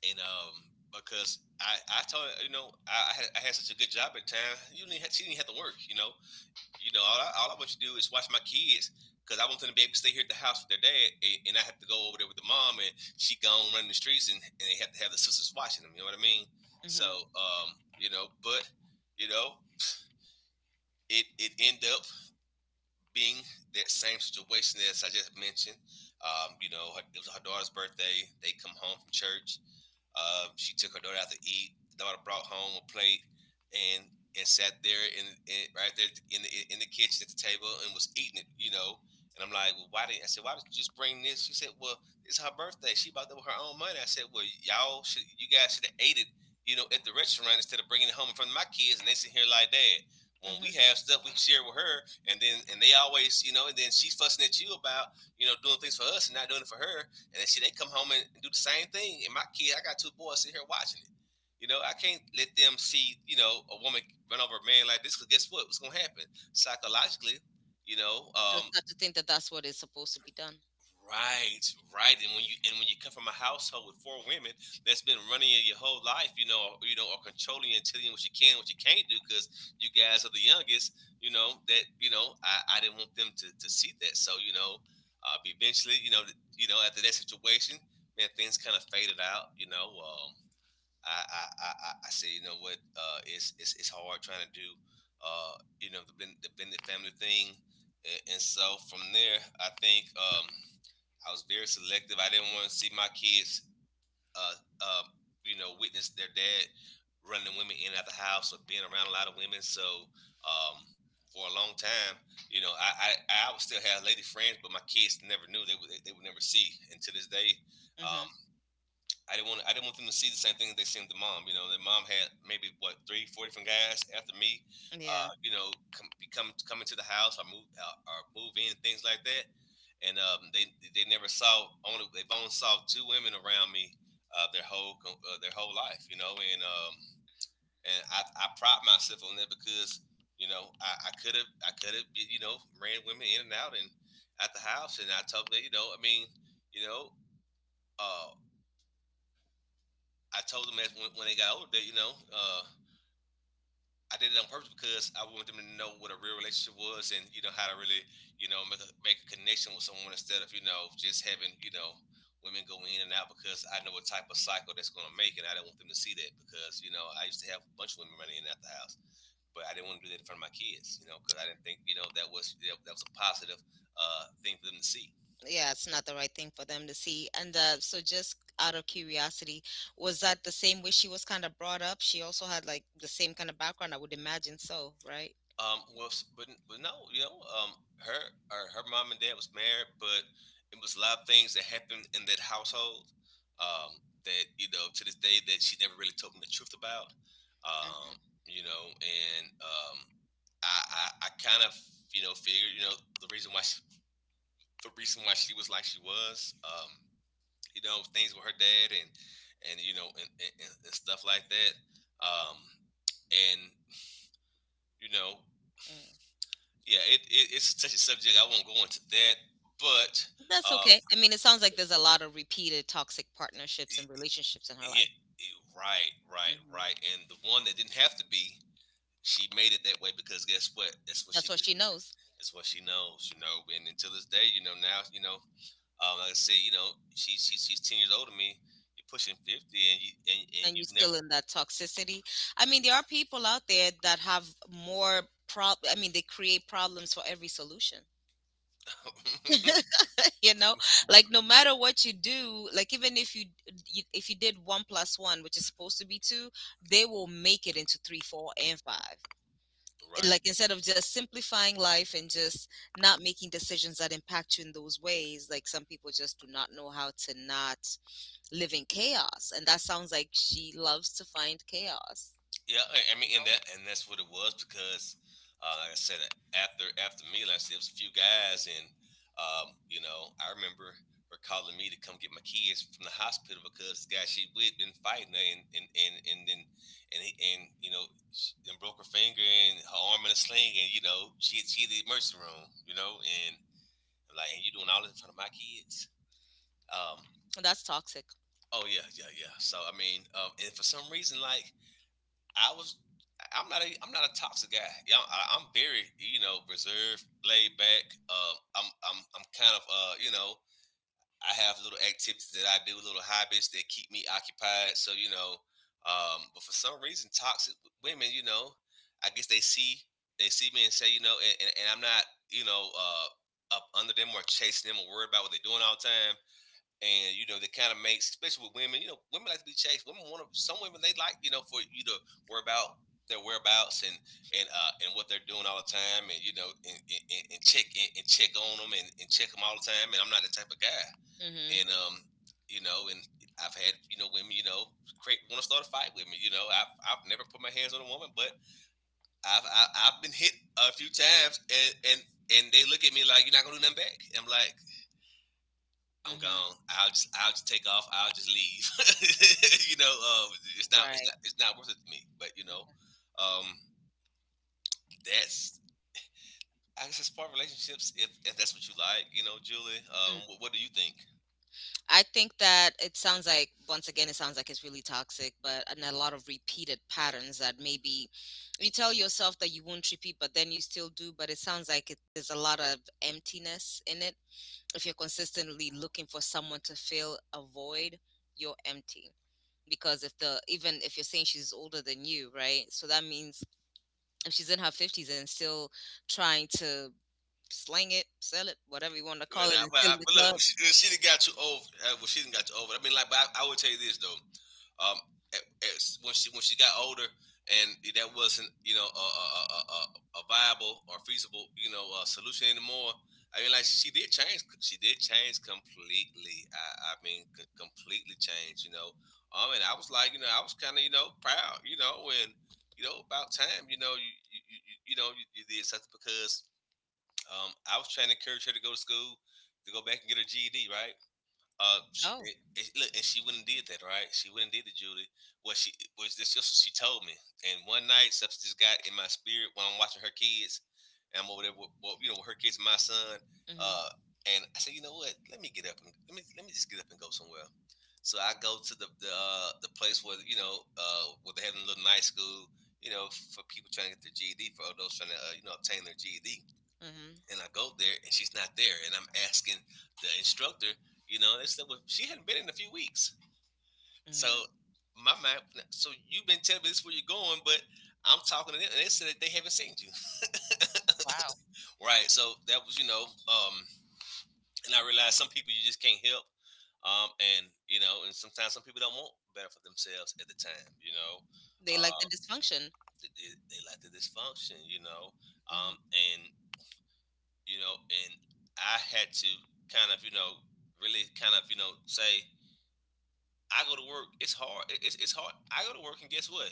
B: and um because I told her, you know, I had such a good job at the time, you didn't have, she didn't have to work, you know, all I want you to do is watch my kids, because I want them to be able to stay here at the house with their dad, and I have to go over there with the mom, and she gone running the streets, and, they have to have the sisters watching them. You know what I mean? So,
A: Mm-hmm.
B: you know, but, you know, it end up being that same situation as I just mentioned. You know, it was her daughter's birthday. They come home from church. She took her daughter out to eat. The daughter brought home a plate and sat there in right there in the kitchen at the table and was eating it, you know. And I'm like, well, why didn't I said, why did you just bring this? She said, well, it's her birthday. She bought that with her own money. I said, well, you guys should have ate it, you know, at the restaurant instead of bringing it home in front of my kids. And they sit here like, Dad, when we
A: Mm-hmm.
B: have stuff, we share with her, and they always, you know, and then she's fussing at you about, you know, doing things for us and not doing it for her. And then, shit, they come home and do the same thing. And I got two boys sitting here watching it. You know, I can't let them see, you know, a woman run over a man like this because guess what? What's going to happen? Psychologically, you know,
A: Just
B: um,
A: have to think that that's what is supposed to be done.
B: right, right. And when you come from a household with four women that's been running you your whole life, you know, or controlling and telling you what you can, what you can't do, because you guys are the youngest. You know that you know I didn't want them to see that. So you know, eventually, after that situation, man, things kind of faded out. You know, I said, you know what, it's hard trying to do, uh, you know, the blended family thing, and so from there, I think. I was very selective. I didn't want to see my kids, uh, uh, you know, witness their dad running women in and out the house or being around a lot of women. So um, for a long time, you know, I would still have lady friends, but my kids never knew. They would never see. And to this day, um,
A: Mm-hmm.
B: I didn't want them to see the same thing that they seen with the mom. You know, their mom had maybe what three, four different guys after me.
A: Yeah.
B: You know, come, become coming to the house or move in, things like that. And they never saw only they've only saw two women around me their whole life. You know, and I pride myself on that because you know I could have you know ran women in and out and at the house and I told them that, you know I mean, you know, uh I told them that when they got older, that, you know, I did it on purpose because I wanted them to know what a real relationship was and you know how to really, you know, make a connection with someone instead of, you know, just having, you know, women go in and out because I know what type of cycle that's going to make and I don't want them to see that because you know I used to have a bunch of women running in and out the house, but I didn't want to do that in front of my kids, you know, because I didn't think, you know, that was a positive thing for them to see.
A: Yeah, it's not the right thing for them to see. And so, just out of curiosity, was that the same way she was kind of brought up? She also had like the same kind of background, I would imagine so, right?
B: Well, but no, you know, um, her her mom and dad was married, but it was a lot of things that happened in that household. That you know to this day that she never really told me the truth about. Um,
A: Mm-hmm.
B: you know, and I kind of, you know, figured, you know, the reason why she, the reason why she was like she was. You know, things with her dad and you know, and stuff like that. Um, and you know
A: Mm.
B: Yeah, it's such a subject I won't go into that, but
A: That's
B: uh,
A: okay. I mean, it sounds like there's a lot of repeated toxic partnerships and
B: y-
A: relationships in her life.
B: yeah, right, right, right.
A: Mhm.
B: And the one that didn't have to be, she made it that way because guess what? That's what
A: That's
B: she
A: what
B: was.
A: she knows.
B: That's what she knows, you know. And until this day, like I said, you know, she's 10 years older than me. You're pushing 50, and
A: And you're
B: you have
A: still
B: never.
A: in that toxicity. I mean, there are people out there that have more prob. I mean, they create problems for every solution. You know, like no matter what you do, like even if you if you did one plus one, which is supposed to be two, they will make it into three, four, and five.
B: Right.
A: Like instead of just simplifying life and just not making decisions that impact you in those ways, like some people just do not know how to not live in chaos, and that sounds like she loves to find chaos.
B: Yeah, I mean, and that's what it was because, like I said, after me, like I said, it was a few guys, and you know, I remember her calling me to come get my kids from the hospital because the guy she with been fighting her, and you know, and broke her finger and her arm in a sling, and you know, she in the emergency room, you know, and I'm like, and you doing all this in front of my kids? Um,
A: That's toxic.
B: oh yeah, yeah, yeah. So I mean, and for some reason, like I was. I'm not a toxic guy. Yeah, I'm very, you know, reserved, laid back. I'm kind of you know, I have little activities that I do, little hobbies that keep me occupied. So you know, but for some reason, toxic women, you know, I guess they see me and say, you know, and I'm not, you know, up under them or chasing them or worried about what they're doing all the time, and you know that kind of makes, especially with women, you know, women like to be chased. Women want to, some women they like, you know, for you to worry about their whereabouts and what they're doing all the time, and you know, and check on them, and check them all the time, and I'm not the type of guy.
A: Mhm.
B: And you know, and I've had, you know, women, you know, create want to start a fight with me, you know. I've never put my hands on a woman, but i've I, I've been hit a few times and, they look at me like you're not gonna do nothing back. And I'm like, I'm
A: Mhm.
B: gone. I'll just take off. I'll just leave. You know,
A: Right.
B: it's not worth it to me. But you know, um, that's, I guess, as far as relationships, if that's what you like, you know, Julie,
A: Mm.
B: what do you think?
A: I think that it sounds like, once again, it sounds like it's really toxic, but and a lot of repeated patterns that maybe you tell yourself that you won't repeat, but then you still do. But it sounds like there's a lot of emptiness in it. If you're consistently looking for someone to fill a void, you're empty. Because if the even if you're saying she's older than you, right? So that means if she's in her fifties and still trying to sling it, sell it, whatever you want to call
B: But,
A: it, and still in the
B: but look,
A: club.
B: she done got you over. Well, she done got you over. I mean, like, but I would tell you this though. Um, at- when she got older, and that wasn't, you know, a viable or feasible, you know, solution anymore. I mean, like she did change. She did change completely. I mean, completely changed. You know, and I was like, you know, I was kind of, you know, proud. You know, and you know, about time. You know, you did something because I was trying to encourage her to go to school, to go back and get her GED, right? She
A: Oh,
B: it, it, look, and she wouldn't did that, right? She wouldn't did the Judy. Well, she was this just she told me. And one night, something just got in my spirit when I'm watching her kids, and I'm over there with, well, you know, with her kids and my son.
A: mm mhm,
B: Uh, and I said, you know what? Let me get up and let me just get up and go somewhere. So I go to the the place where, you know, where they have a little night school, you know, for people trying to get their GED, for those trying to, you know, obtain their GED,
A: mm mhm,
B: and I go there and she's not there, and I'm asking the instructor, you know, they said, well, she hadn't been in a few weeks.
A: mm
B: So
A: mhm.
B: my mind, so you've been telling me this is where you're going, but I'm talking to them, and they said that they haven't seen you.
A: Wow,
B: Right. So that was, you know, and I realized some people you just can't help, and you know, and sometimes some people don't want better for themselves at the time, you know.
A: they like
B: Uh,
A: the dysfunction.
B: they like to dysfunction, you know,
A: Hmm.
B: and you know, and I had to kind of, you know, really kind of, you know, say, I go to work. It's hard. It's hard. I go to work, and guess what?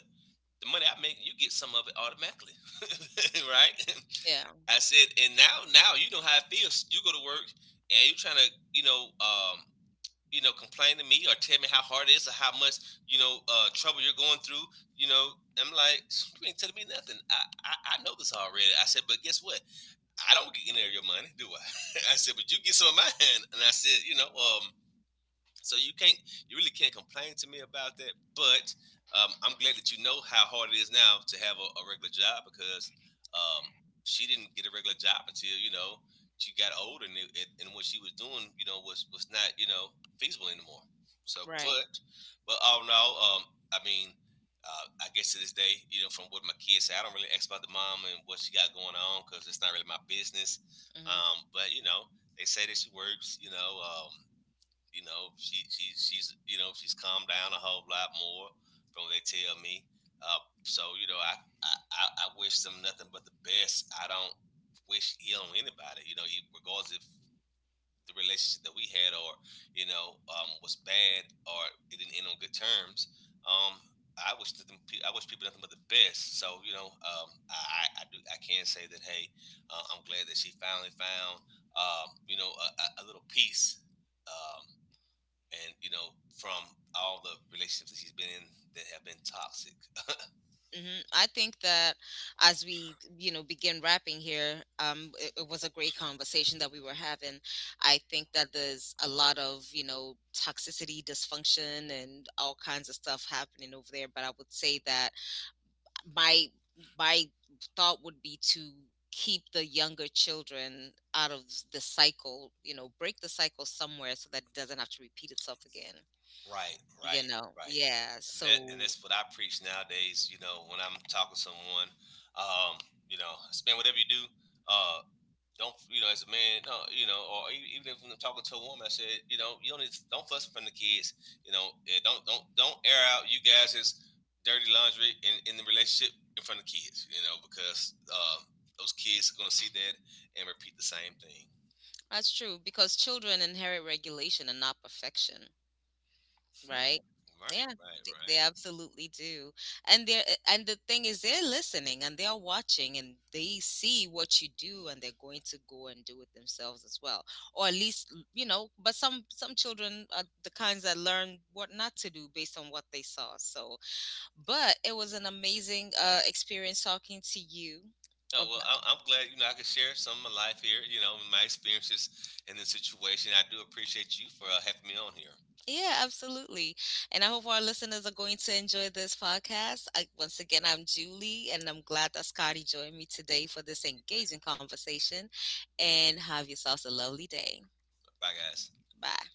B: The money I make, you get some of it automatically, right?
A: Yeah,
B: I said, and now you know how it feels. You go to work, and you're trying to, you know, complain to me or tell me how hard it is or how much, you know, trouble you're going through. You know, I'm like, you ain't telling me nothing. I know this already. I said, but guess what? I don't get any of your money, do I? I said, but you get some of mine. And I said, you know, so you can't, you really can't complain to me about that. But I'm glad that you know how hard it is now to have a regular job because um, she didn't get a regular job until you know she got older, and, and what she was doing, you know, was not, you know, feasible anymore. So,
A: right.
B: but all in all, I mean, I guess to this day, you know, from what my kids say, I don't really ask about the mom and what she got going on because it's not really my business.
A: Mm-hmm.
B: But you know, they say that she works, you know. She's, you know, she's calmed down a whole lot more from what they tell me. So you know, I wish them nothing but the best. I don't wish ill on anybody. You know, regardless if the relationship that we had or you know was bad or it didn't end on good terms. Um, I wish nothing. I wish people nothing but the best. So you know, I do. I can say that. Hey, I'm glad that she finally found you know, a little peace um, and you know, from all the relationships that he's been in that have been toxic.
A: Hmm. I think that as we, you know, begin wrapping here, it was a great conversation that we were having. I think that there's a lot of, you know, toxicity, dysfunction, and all kinds of stuff happening over there. But I would say that my my thought would be to keep the younger children out of the cycle. You know, break the cycle somewhere so that it doesn't have to repeat itself again.
B: Right,
A: You
B: right,
A: know,
B: right.
A: yeah.
B: And
A: So
B: that's what I preach nowadays. You know, when I'm talking to someone, um, you know, "Hey, man, whatever you do, uh, don't, you know, as a man, no, you know, or even if I'm talking to a woman, I said, you know, you don't need, to, don't fuss in front of the kids. You know, don't air out you guys' dirty laundry in the relationship in front of kids. You know, because those kids are gonna see that and repeat the same thing.
A: that's true, because children inherit regulation and not perfection,
B: Hmm.
A: right?
B: Right,
A: Yeah,
B: right,
A: they
B: right.
A: absolutely do. And the thing is, they're listening and they're watching, and they see what you do, and they're going to go and do it themselves as well. Or at least, you know, but some children are the kinds that learn what not to do based on what they saw. So, but it was an amazing experience talking to you.
B: No, well, I'm glad you know I could share some of my life here. You know, and my experiences in this situation. I do appreciate you for having me on here.
A: Yeah, absolutely. And I hope our listeners are going to enjoy this podcast. I, once again, I'm Julie, and I'm glad that Scotty joined me today for this engaging conversation. And have yourselves a lovely day.
B: Bye, guys.
A: Bye.